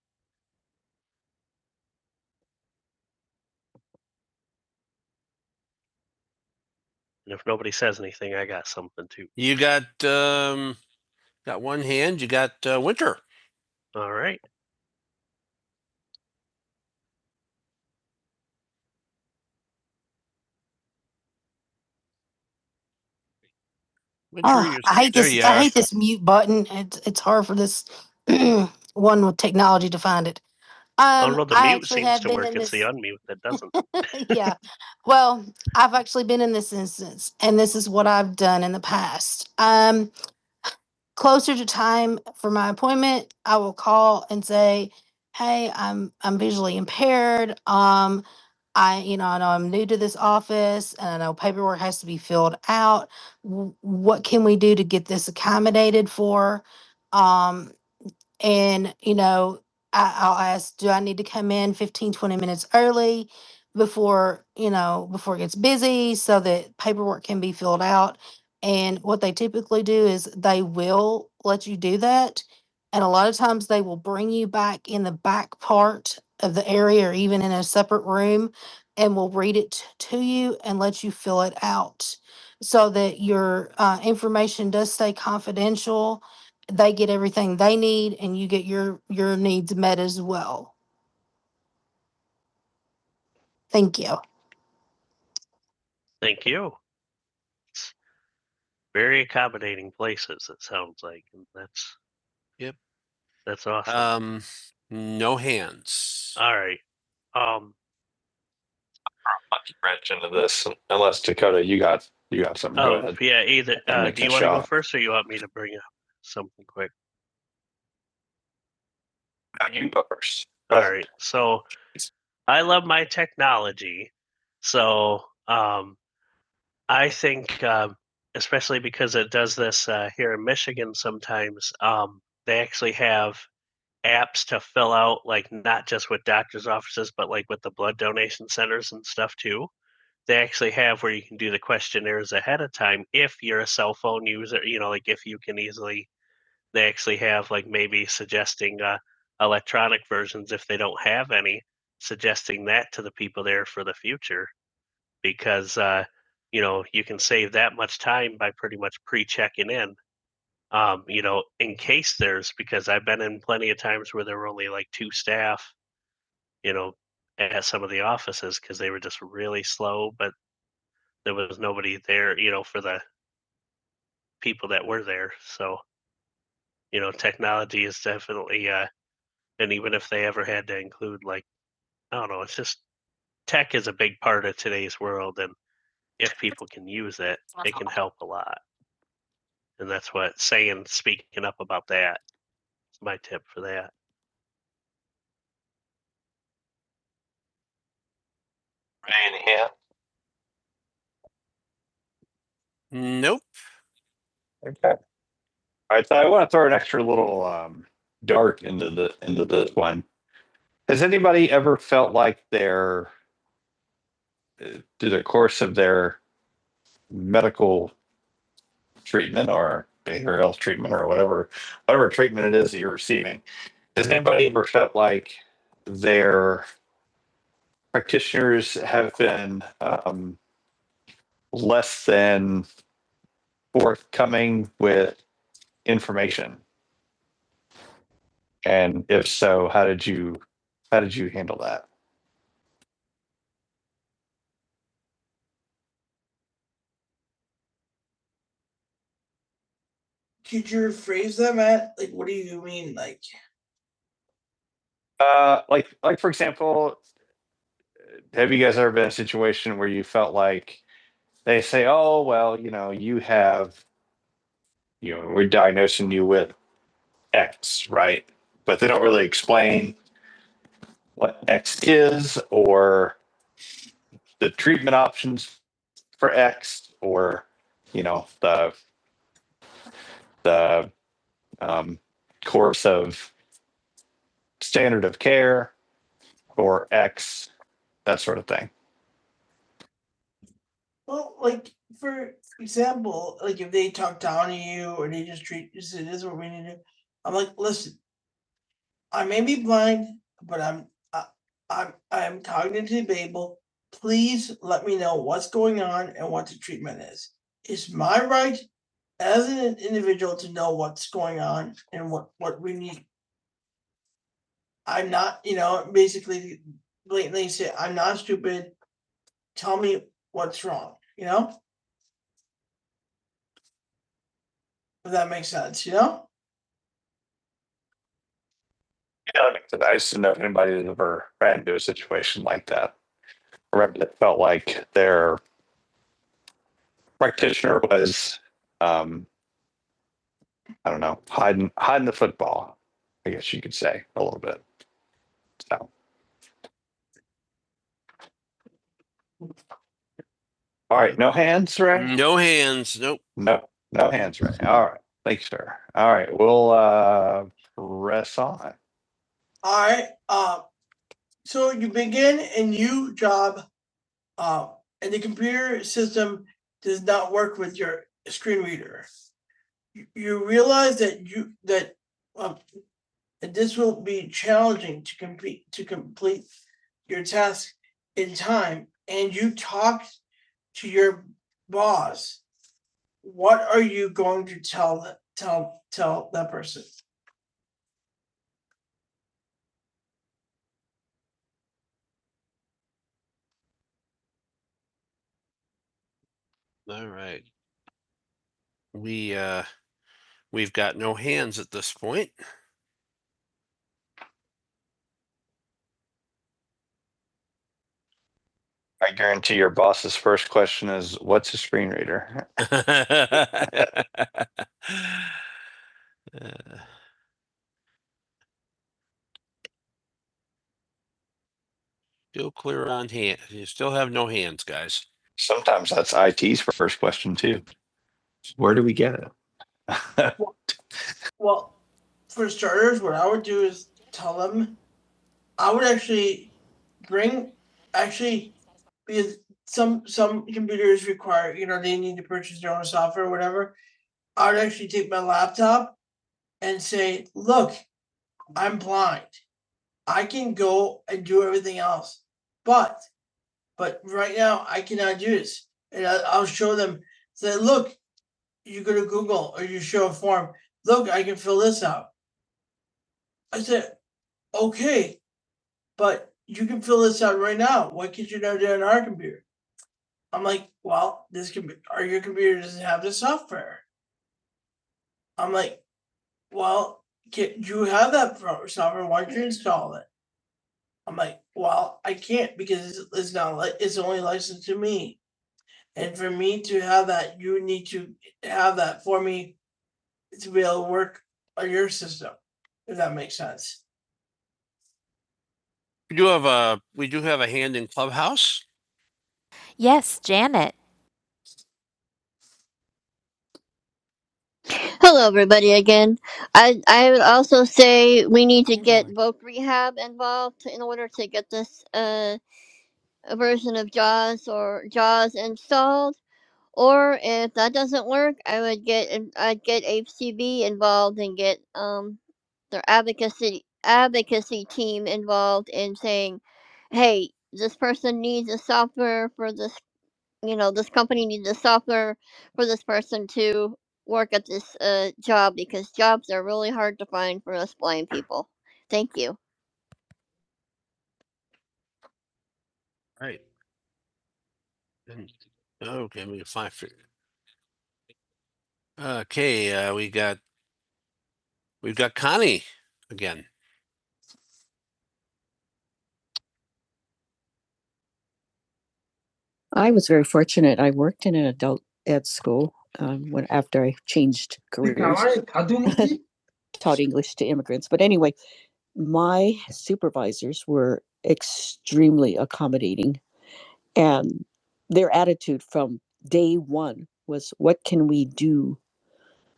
And if nobody says anything, I got something too. You got um got one hand. You got uh, Winter. All right. Winter Oh, I hate this. I hate this mute button. It's it's hard for this one with technology to find it. I Um, don't Um, know, the I mute actually seems have to been work, in it's the this- unmute that doesn't. yeah. Well, I've actually been in this instance, and this is what I've done in the past. Um, closer to time for my appointment, I will call and say, "Hey, I'm I'm visually impaired. Um, I you know I know I'm new to this office, and I know paperwork has to be filled out. W- What can we do to get this accommodated for?" Um, and you know I, i'll ask do i need to come in 15, 20 minutes early before you know before it gets busy so that paperwork can be filled out and what they typically do is they will let you do that and a lot of times they will bring you back in the back part of the area or even in a separate room and will read it to you and let you fill it out so that your uh, information does stay confidential they get everything they need and you get your your needs met as well. Thank you. Thank you. Very accommodating places, it sounds like. and That's Yep. That's awesome. Um, no hands. All right. Um I'll wrench into this unless Dakota, you got you got something. Go oh go ahead. yeah, either uh, do you want to go first or you want me to bring up something quick? You go first. All right. So I love my technology. So um I think, um, especially because it does this uh, here in Michigan sometimes, um, they actually have apps to fill out, like not just with doctor's offices, but like with the blood donation centers and stuff too. They actually have where you can do the questionnaires ahead of time if you're a cell phone user, you know, like if you can easily, they actually have like maybe suggesting uh, electronic versions if they don't have any, suggesting that to the people there for the future because uh, you know you can save that much time by pretty much pre-checking in. Um, you know, in case there's because I've been in plenty of times where there were only like two staff. You know, at some of the offices because they were just really slow, but there was nobody there. You know, for the people that were there. So you know, technology is definitely. Uh, and even if they ever had to include like I don't know, it's just tech is a big part of today's world, and if people can use it, it can help a lot. And that's what saying, speaking up about that is my tip for that. Nope. Okay. All right. So I want to throw an extra little um dart into the into this one. Has anybody ever felt like their through the course of their medical treatment or behavioral health treatment or whatever whatever treatment it is that you're receiving? Has anybody ever felt like their practitioners have been um, less than forthcoming with information? And if so, how did you how did you handle that? Could you rephrase that, Matt? Like, what do you mean? Like, Uh, like like for example, have you guys ever been in a situation where you felt like they say, "Oh, well, you know, you have, you know, we're diagnosing you with X, right?" But they don't really explain what X is or the treatment options for X or, you know, the the um, course of standard of care or X, that sort of thing. Well, like, for example, like if they talk down to you or they just treat you, it is what we need to. do. I'm like, listen, I may be blind, but I'm, I, I'm, I'm cognitively able. Please let me know what's going on and what the treatment is. It's my right as an individual to know what's going on and what, what we need. I'm not, you know, basically blatantly say, I'm not stupid. tell me what's wrong, you know, if that makes sense, you know? Yeah, I mean, I just did know if anybody had ever ran into a situation like that. I Remember, it felt like their practitioner was, um, I don't know, hiding hiding the football. I guess you could say a little bit. So, all right, no hands, right? No hands. Nope. No, no hands, right? All right, thanks, sir. All right, we'll uh press on. All right, uh, so you begin a new job Uh, and the computer system does not work with your screen reader. You- You realize that you, that, um, this will be challenging to complete to complete your task in time and you talk to your boss. What are you going to tell, tell, tell that person? All right. We uh we've got no hands at this point. I guarantee your boss's first question is, what's a screen reader? Still clear on hand. You still have no hands, guys. Sometimes that's IT's first question too. Where do we get it? Well, for starters, what I would do is tell them I would actually bring actually because some some computers require you know they need to purchase their own software or whatever. I would actually take my laptop and say, look, I'm blind. I can go and do everything else. But, but right now I cannot do this. And I, I'll show them Say, look, you go to Google or you show a form. Look, I can fill this out. I said, okay, but you can fill this out right now. Why can't you not do it on our computer? I'm like, well, this can be, or your computer doesn't have the software. I'm like, well, can, you have that software. Why don't you install it? I'm like, well, I can't because it's not like it's only licensed to me. And for me to have that, you need to have that for me to be able to work on your system, if that makes sense. We do have a, we do have a hand in Clubhouse. Yes, Janet. Hello everybody again. I I would also say we need to Hand get lowered. voc rehab involved in order to get this uh version of JAWS or JAWS installed Or if that doesn't work, I would get in- I'd get HCB involved and get um their advocacy advocacy team involved in saying, "Hey, this person needs a software for this. You know, this company needs a software for this person to work at this uh, job because jobs are really hard to find for us blind people." Thank you. All Right. Okay, we can find, okay, uh, we got, we've got Connie again. I was very fortunate. I worked in an adult ed school um, when after I changed careers. How are taught English to immigrants. But anyway, my supervisors were extremely accommodating, and their attitude from day one was, What can we do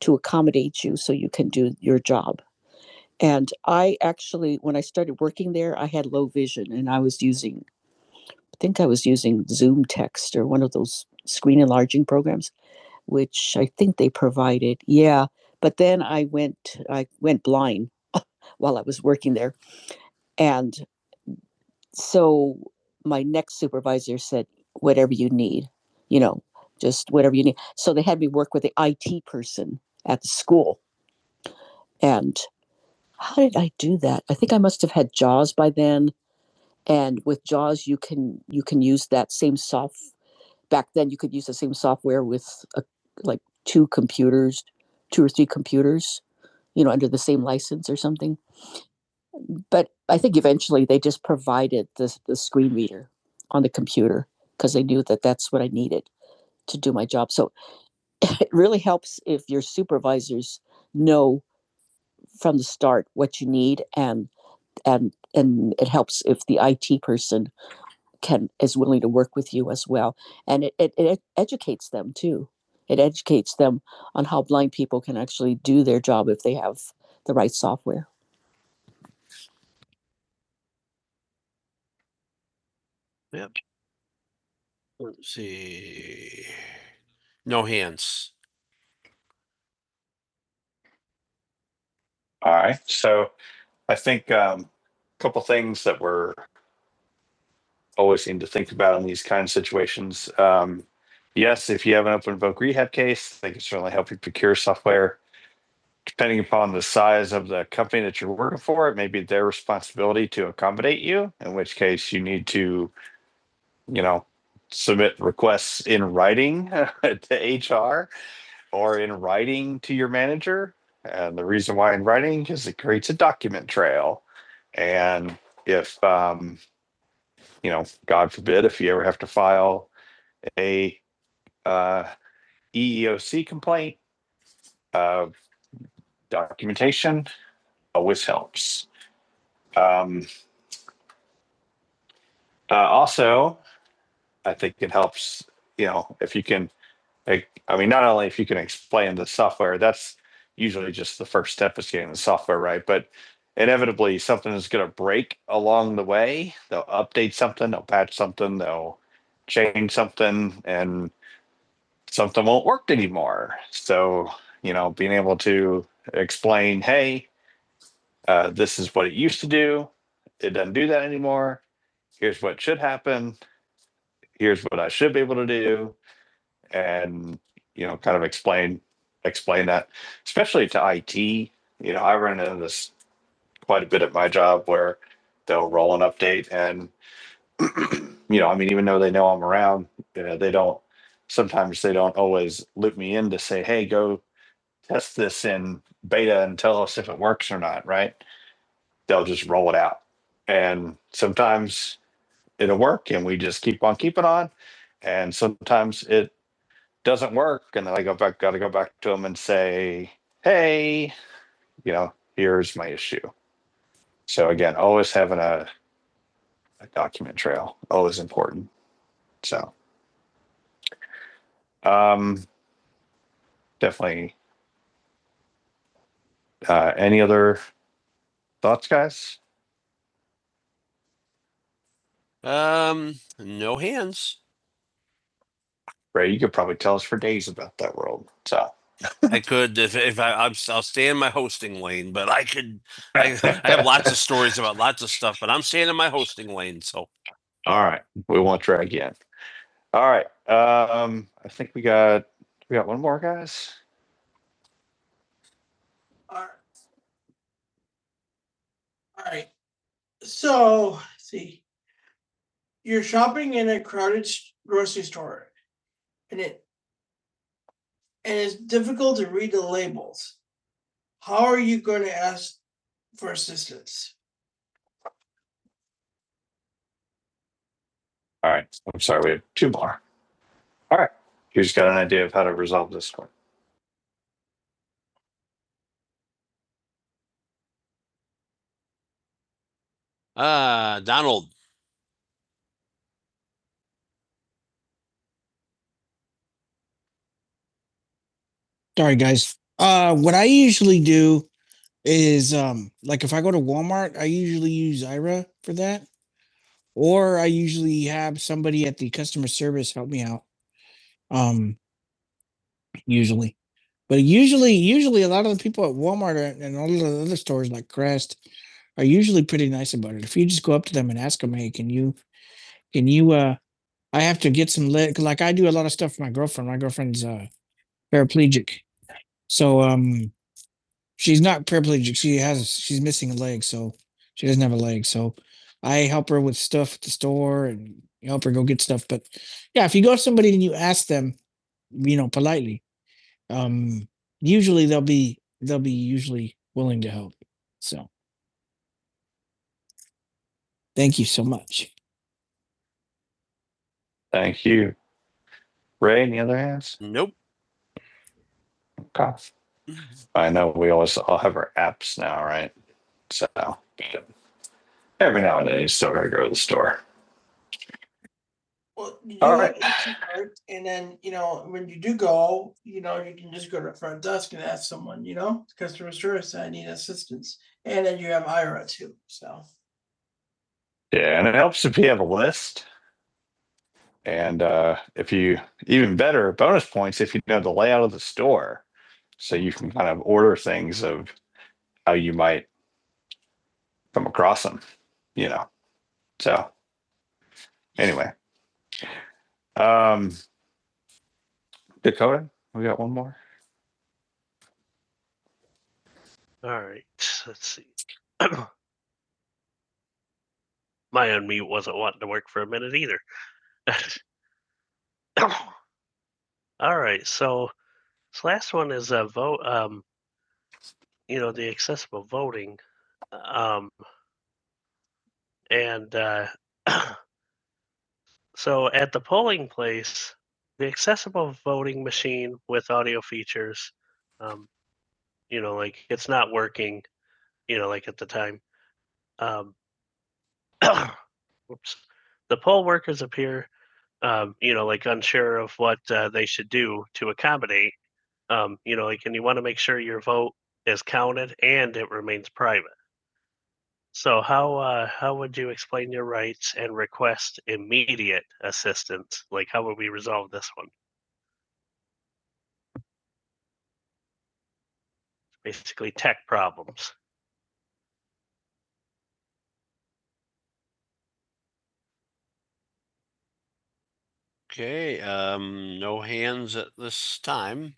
to accommodate you so you can do your job? And I actually, when I started working there, I had low vision and I was using, I think I was using Zoom text or one of those screen enlarging programs, which I think they provided. Yeah. But then I went, I went blind while I was working there. And so my next supervisor said whatever you need you know just whatever you need so they had me work with the it person at the school and how did i do that i think i must have had jaws by then and with jaws you can you can use that same soft back then you could use the same software with a, like two computers two or three computers you know under the same license or something but I think eventually they just provided the, the screen reader on the computer because they knew that that's what I needed to do my job. So it really helps if your supervisors know from the start what you need and and and it helps if the IT person can is willing to work with you as well. And it, it, it educates them too. It educates them on how blind people can actually do their job if they have the right software. Yep. Let's see. No hands. All right. So I think um, a couple things that we're always seem to think about in these kind of situations. Um, yes, if you have an open voc rehab case, they can certainly help you procure software. Depending upon the size of the company that you're working for, it may be their responsibility to accommodate you, in which case you need to, you know, submit requests in writing to HR or in writing to your manager. And the reason why in writing is it creates a document trail. And if um, you know, God forbid, if you ever have to file a uh, EEOC complaint of documentation, always helps. Um, uh, also, I think it helps. You know, if you can Like, I mean, not only if you can explain the software, that's usually just the first step is getting the software right, but inevitably something is going to break along the way. They'll update something, they'll patch something, they'll change something, and something won't work anymore. So, you know, being able to explain, hey, uh, this is what it used to do, it doesn't do that anymore. Here's what should happen. Here's what I should be able to do and you know kind of explain explain that especially to IT you know I run into this quite a bit at my job where they'll roll an update and you know I mean even though they know I'm around you they don't sometimes they don't always loop me in to say hey go test this in beta and tell us if it works or not right they'll just roll it out and sometimes it'll work and we just keep on keeping on and sometimes it doesn't work, and then I go back, got to go back to them and say, hey, you know, here's my issue. So again, always having a, a document trail, always important. So um, definitely. Uh, any other thoughts, guys? Um, no hands. Ray, you could probably tell us for days about that world. So I could if if I I'm, I'll stay in my hosting lane, but I could I, I have lots of stories about lots of stuff, but I'm staying in my hosting lane. So All right, we won't drag you in. All right. Um, I think we got, we got one more, guys. All right, so, see, you're shopping in a crowded grocery store and it, and it's difficult to read the labels. How are you gonna ask for assistance? All right. I'm sorry. We have two more. All right. You just got an idea of how to resolve this one. Uh, Donald. Sorry, guys. Uh, what I usually do is um, like if I go to Walmart, I usually use Ira for that, usually have somebody at the customer service help me out. Um, usually, but usually, usually a lot of the people at Walmart are, and stores list are usually pretty. Can you can you uh? I have to get some leg from my girl. So um, she's not paraplegic. She has she's missing a leg, so she doesn't have a leg. So I help her with stuff at the store and help her go get stuff. But yeah, if you go to somebody and you ask them, you know, politely, um, usually they'll be they'll be usually willing to help. So thank you so much. Thank you. Ray, any other hands? Nope. Okay. I know we always all have our apps now, right? So every now and then you still gotta go to the store. Well, you All right. And then, you know, when you do go, you know, you can just go to the front desk and ask someone, you know, customer service, I need assistance. And then you have IRA too, so. Yeah, and it helps if you have a list. And uh, if you even better bonus points if you know the layout of the store, so you can kind of order things of how you might come across them. You know. So anyway, um, Dakota, we got one more. All right, let's see. My unmute wasn't wanting to work for a minute either. All right, so this last one is a vote. Um, you know, the accessible voting, um, and uh, So at the polling place, the accessible voting machine with audio features, um, you know, like it's not working, you know, like at the time. Um, oops. The poll workers appear, um, you know, like unsure of what uh, they should do to accommodate, um, you know, like, and you want to make sure your vote is counted and it remains private. So how uh, how would you explain your rights and request immediate assistance? Like how would we resolve this one? basically tech problems. Okay, um, no hands at this time.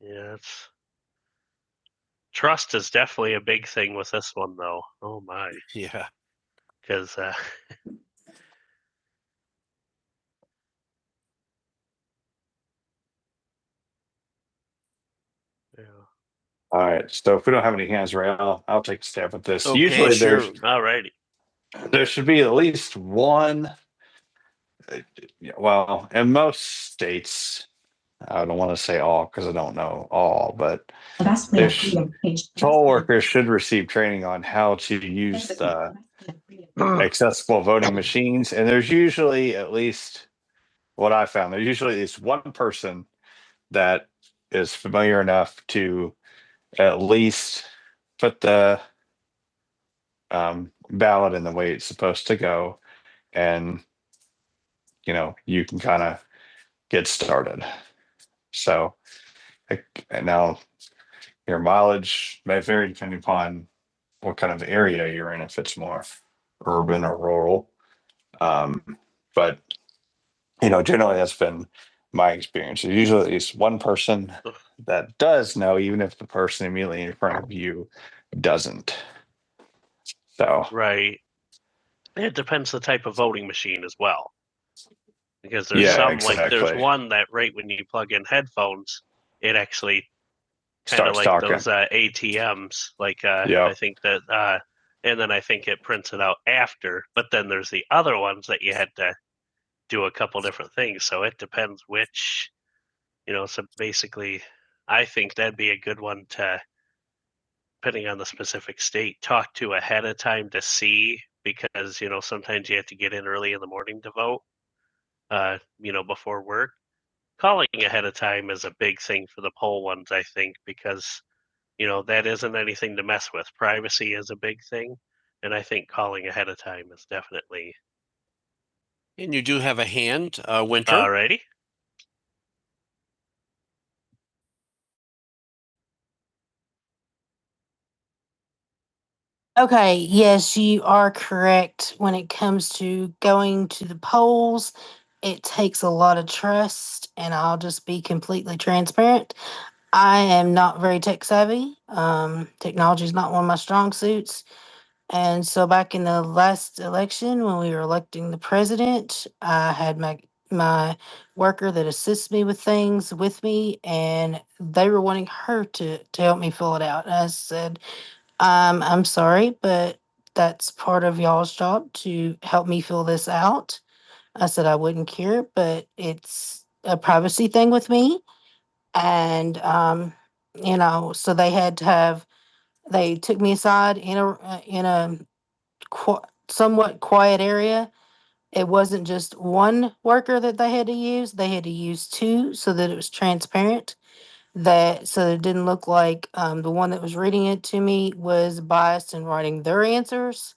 Yeah, it's trust is definitely a big thing with this one though. Oh my, Yeah. because uh, yeah. All right, so if we don't have any hands right, I'll, I'll take a stab at this. Okay, Usually sure. there's alrighty, there should be at least one. uh, yeah, Well, in most states, I don't want to say all because I don't know all, but The poll workers should receive training on how to use the accessible voting machines. And there's usually at least what I found, there's usually at least one person that is familiar enough to at least put the um, ballot in the way it's supposed to go. And, you know, you can kind of get started. So I- now Your mileage may vary depending upon what kind of area you're in, if it's more urban or rural. Um, but you know, generally that's been my experience. There's usually at least one person that does know, even if the person immediately in front of you doesn't. So Right. It depends the type of voting machine as well. Because there's Yeah, some exactly. like exactly. there's one that right when you plug in headphones, it actually kind of like talking. those uh, ATMs. Like uh, Yeah. I think that, uh, and then I think it prints it out after. But then there's the other ones that you had to do a couple different things. So it depends which you know. So basically, I think that'd be a good one to, depending on the specific state, talk to ahead of time to see because you know sometimes you have to get in early in the morning to vote. Uh, you know before work. Calling ahead of time is a big thing for the poll ones, I think, because you know, that isn't anything to mess with. Privacy is a big thing. And I think calling ahead of time is definitely And you do have a hand, uh, Winter. alrighty. Okay, yes, you are correct. When it comes to going to the polls, it takes a lot of trust, and I'll just be completely transparent. I am not very tech savvy. Um, Technology is not one of my strong suits. And so back in the last election, when we were electing the president, I had my my worker that assists me with things with me, and they were wanting her to to help me fill it out. And I said, um, I'm sorry, but that's part of y'all's job to help me fill this out. I said I wouldn't care, but it's a privacy thing with me. And, um, you know, so they had to have, they took me aside in a, uh, in a qu- somewhat quiet area. It wasn't just one worker that they had to use; they had to use two so that it was transparent. That so that it didn't look like um, the one that was reading it to me was biased in writing their answers.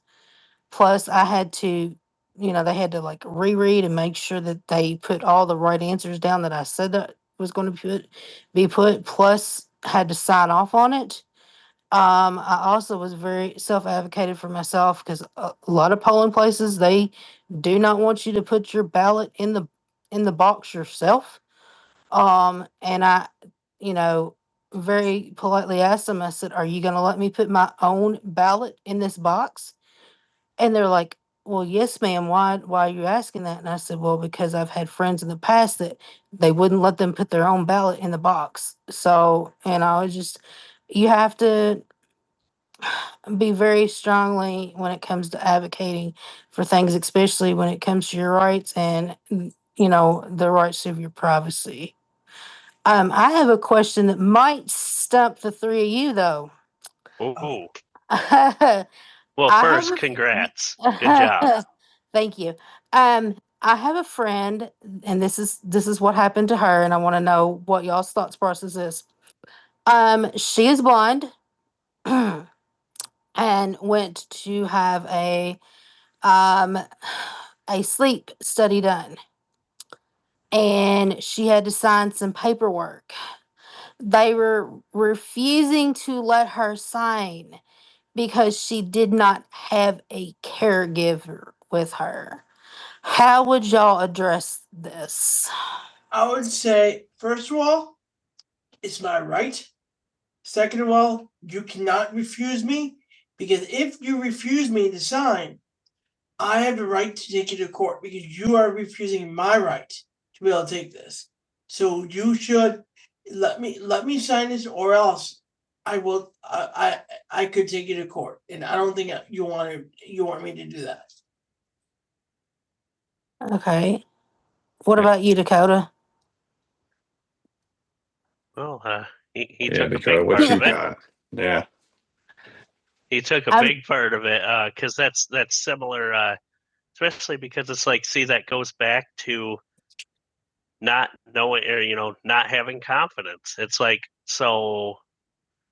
Plus, I had to, you know, they had to like reread and make sure that they put all the right answers down that I said that was going to put be put. Plus, had to sign off on it um, I also was very self-advocated for myself because a a lot of polling places, they do not want you to put your ballot in the in the box yourself. Um, and I, you know, very politely asked them, I said, Are you gonna let me put my own ballot in this box? And they're like, Well, yes, ma'am, why why are you asking that? And I said, Well, because I've had friends in the past that they wouldn't let them put their own ballot in the box. So, and I was just you have to be very strongly when it comes to advocating for things, especially when it comes to your rights and mm, you know the rights of your privacy. Um, I have a question that might stump the three of you though. Oh, I well, have first, a congrats. Good job. Thank you. Um, I have a friend, and this is this is what happened to her, and I want to know what y'all's thoughts process is. Um, she is blind and went to have a um, a sleep study done and she had to sign some paperwork. They were refusing to let her sign because she did not have a caregiver with her. How would y'all address this? I would say, first of all, it's my right. Second of all, you cannot refuse me because if you refuse me to sign, I have the right to take you to court because you are refusing my right to be able to take this. So you should let me let me sign this, or else I will. I I, I could take you to court, and I don't think you want to. You want me to do that? Okay. What about you, Dakota? Well, uh, he, he Yeah, took Dakota, a big part what you it. yeah, He took a I'm- big part of it because uh, that's that's similar, uh, especially because it's like see that goes back to not knowing or you know not having confidence it's like so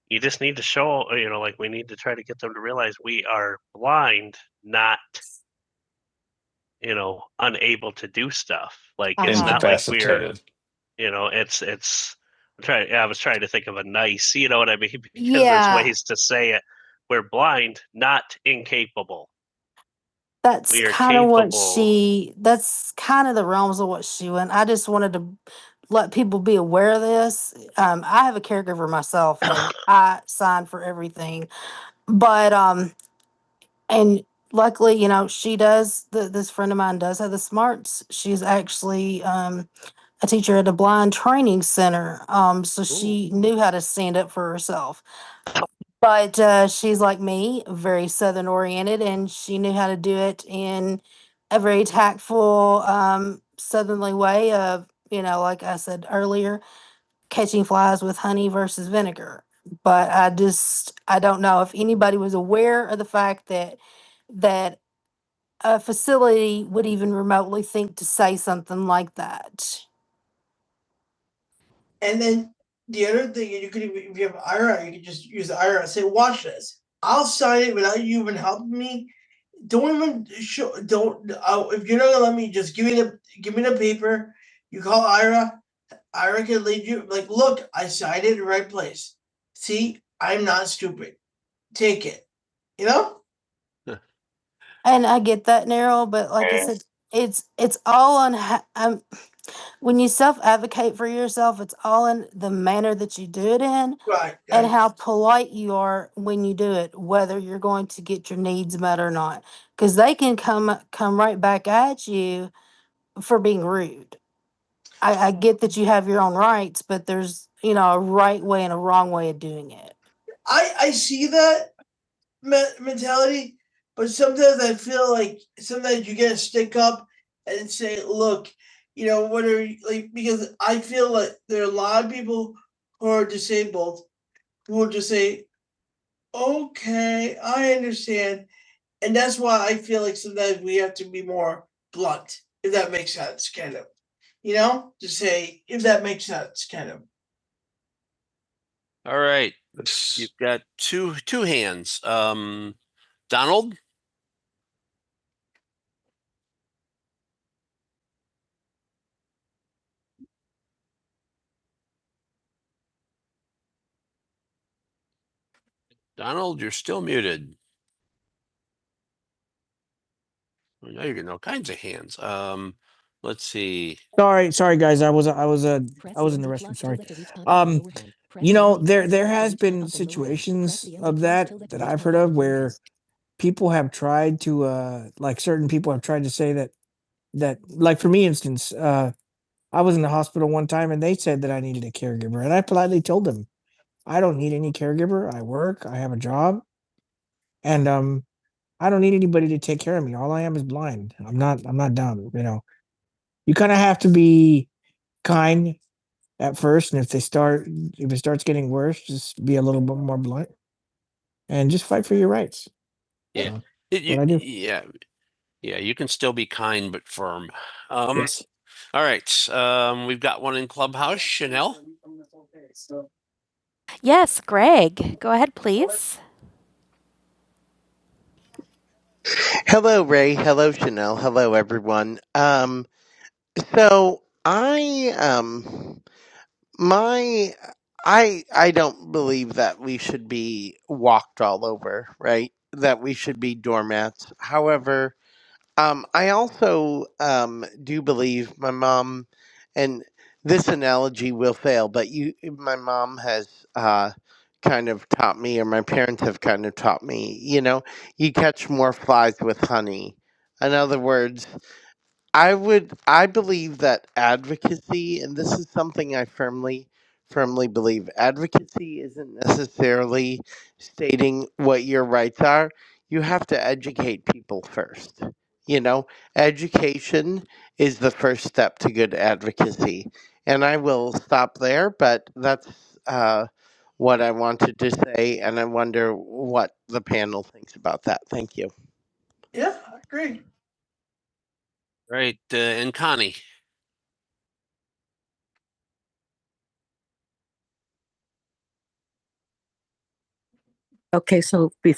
you just need to show uh, you know like we need to try to get them to realize we are blind not you know unable to do stuff like it's Uh-huh. it's not like we're you know it's it's I'm trying yeah, I was trying to think of a nice you know what I mean because Yeah. there's ways to say it we're blind not incapable That's We are kind of what capable. she, that's kind of the realms of what she went. I just wanted to let people be aware of this. Um, I have a caregiver myself and I sign for everything. But, um, and luckily, you know, she does, th- this friend of mine does have the smarts. She's actually, um, a teacher at a blind training center. Um, so Ooh. she knew how to stand up for herself. But uh, she's like me, very Southern oriented, and she knew how to do it in a very tactful, um, southerly way of, you know, like I said earlier, catching flies with honey versus vinegar. But I just, I don't know if anybody was aware of the fact that that a facility would even remotely think to say something like that. And then the other thing, you could, if you have IRA, you could just use the IRA, say, watch this. I'll sign it without you even helping me. Don't even show, don't, uh, if you're not gonna let me, just give me the, give me the paper. You call IRA, IRA can lead you, like, look, I signed it in the right place. See, I'm not stupid. Take it, you know? And I get that, Narrow, but like I Yeah. said, it's it's all on. ho- I'm when you self advocate for yourself, it's all in the manner that you do it in Right. and how polite you are when you do it, whether you're going to get your needs met or not. Because they can come come right back at you for being rude. I, I get that you have your own rights, but there's you know a right way and a wrong way of doing it. I, I see that me- mentality, but sometimes I feel like sometimes you get a stick up and say, "Look, you know what are you like?" Because I feel like there are a lot of people who are disabled who will just say, "Okay, I understand," and that's why I feel like sometimes we have to be more blunt, if that makes sense, kind of. You know, just say if that makes sense, kind of. All right, you've got two, two hands. Um, Donald? Donald, you're still muted. I know you're getting all kinds of hands. Um, let's see. Sorry, sorry, guys. I was, I was, uh, I was in the restroom, sorry. Um, Um, you know, there, there has been situations of that, that I've heard of where people have tried to, uh, like certain people have tried to say, Yeah. uh, It- What I you- do? yeah, yeah, you can still be kind but firm. Um, yes. all right. Um, we've got one in Clubhouse, Chanel. So, Yes, Greg, go ahead, please. Hello, Ray. Hello, Chanel. Hello, everyone. Um, so I, um, my, I, I don't believe that we should be walked all over, right? That we should be doormats. However, um, I also um, do believe my mom, and this analogy will fail, but you, my mom has uh, kind of taught me, or my parents have kind of taught me. You know, you catch more flies with honey. In other words, I would I believe that advocacy and this is something I firmly firmly believe advocacy isn't necessarily stating what your rights are. You have to educate people first. You know, education is the first step to good advocacy. And I will stop there, but that's uh, what I wanted to say, and I wonder what the panel thinks about that. Thank you. Yeah, I Right, uh, and Connie.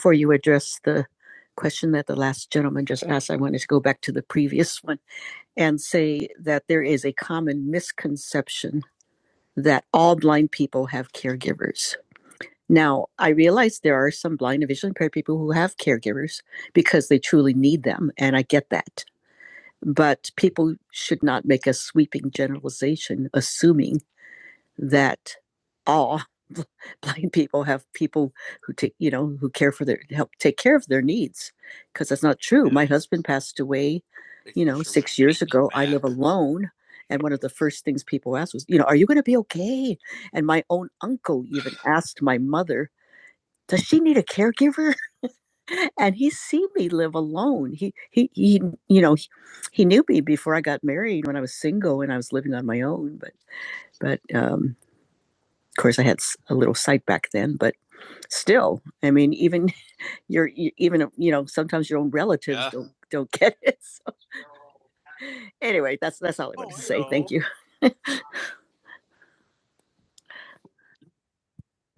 Or you address that all blind people are caregivers. Now, I realize there are some blind and visually impaired people who have caregivers because they truly need them, and I get that. But true, yeah. my husband passed, you know, six years ago. I live alone, and he's seen me live alone. He before I married, when I was single and I was living on my own. Relatives Yeah. I don't know what to say thank you.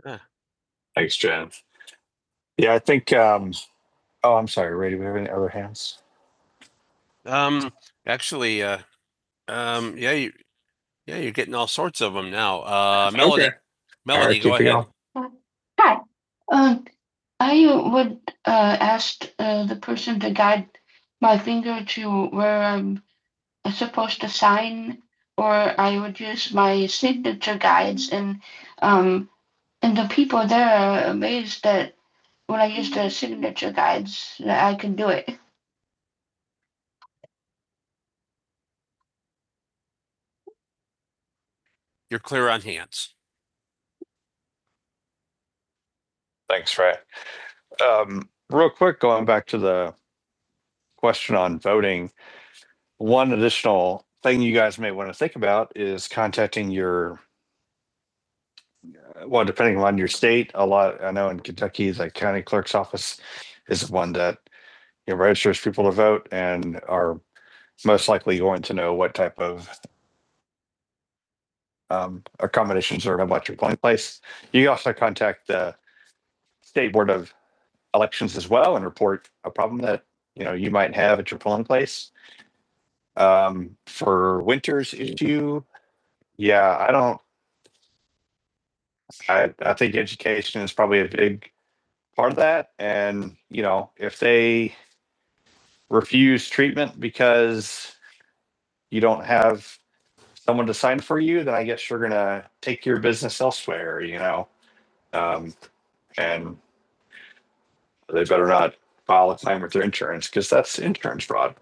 Yeah. Thanks, Jen. Yeah, I think. Um, oh, I'm sorry, Ray. Do we have any other hands? Um, actually, uh, um, yeah, Yeah, you're getting all sorts of them now. Uh, Melody, Okay. Melody, All right, go ahead. going. My finger to where I'm supposed to sign, or I would use my signature guides, and um, and the people there are amazed that when I use the signature guides, that I can do it. You're clear on hands. Thanks, Ray. Um, real quick, going back to the question on voting, one additional thing you guys may want to think about is contacting your well, depending on your state, a lot, I know in Kentucky, the county clerk's office is one that you know, registers people to vote and are most likely going to know what type of um, accommodations are about your polling place. You also contact the state board of elections as well and report a problem that you know you might have at your polling place. Um, for winter's issue, yeah, I don't. I I think education is probably a big part of that, and you know if they refuse treatment because you don't have someone to sign for you, then I guess you're gonna take your business elsewhere, you know. Um, and they better not file a claim with their insurance because that's insurance fraud.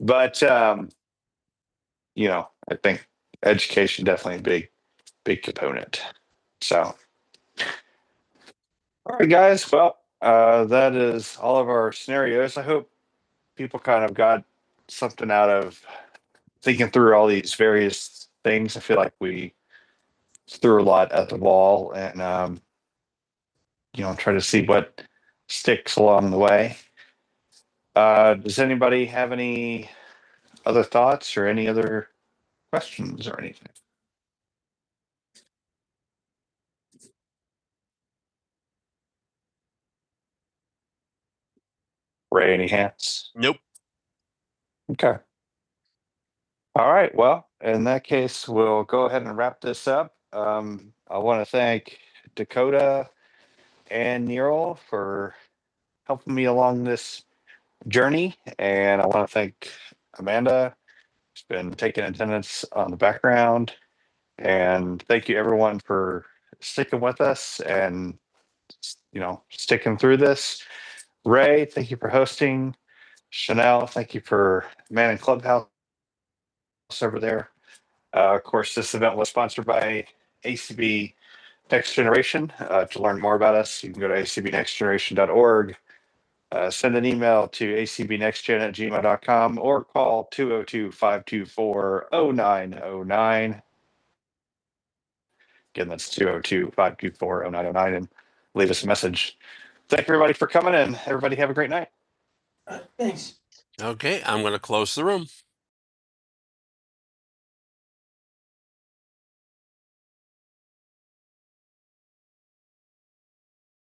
But um, you know, I think education definitely a big big component. So all right, guys. Well, uh, that is all of our scenarios. I hope people kind of got something out of thinking through all these various things. I feel like we threw a lot at the wall and, um, you know, try to see what sticks along the way. Uh, does anybody have any other thoughts or any other questions or anything? Ray, any hands? Nope. Okay. All right. Well, in that case, we'll go ahead and wrap this up. Um, I want to thank Dakota and Neural for helping me along this journey. And I want to thank Amanda, she has been taking attendance on the background. And thank you everyone for sticking with us and you know sticking through this. Ray, thank you for hosting. Chanel, thank you for manning clubhouse over there. Uh, of course, this event was sponsored by ACB Next Generation. Uh, to learn more about us, you can go to acbnextgeneration.org. Uh, send an email to acbnextgen at gmail.com or call two zero two five two four zero nine zero nine. Again, that's two zero two five two four zero nine zero nine, and leave us a message. Thank everybody for coming in. Everybody have a great night. All right, Thanks. Okay, I'm going to close the room.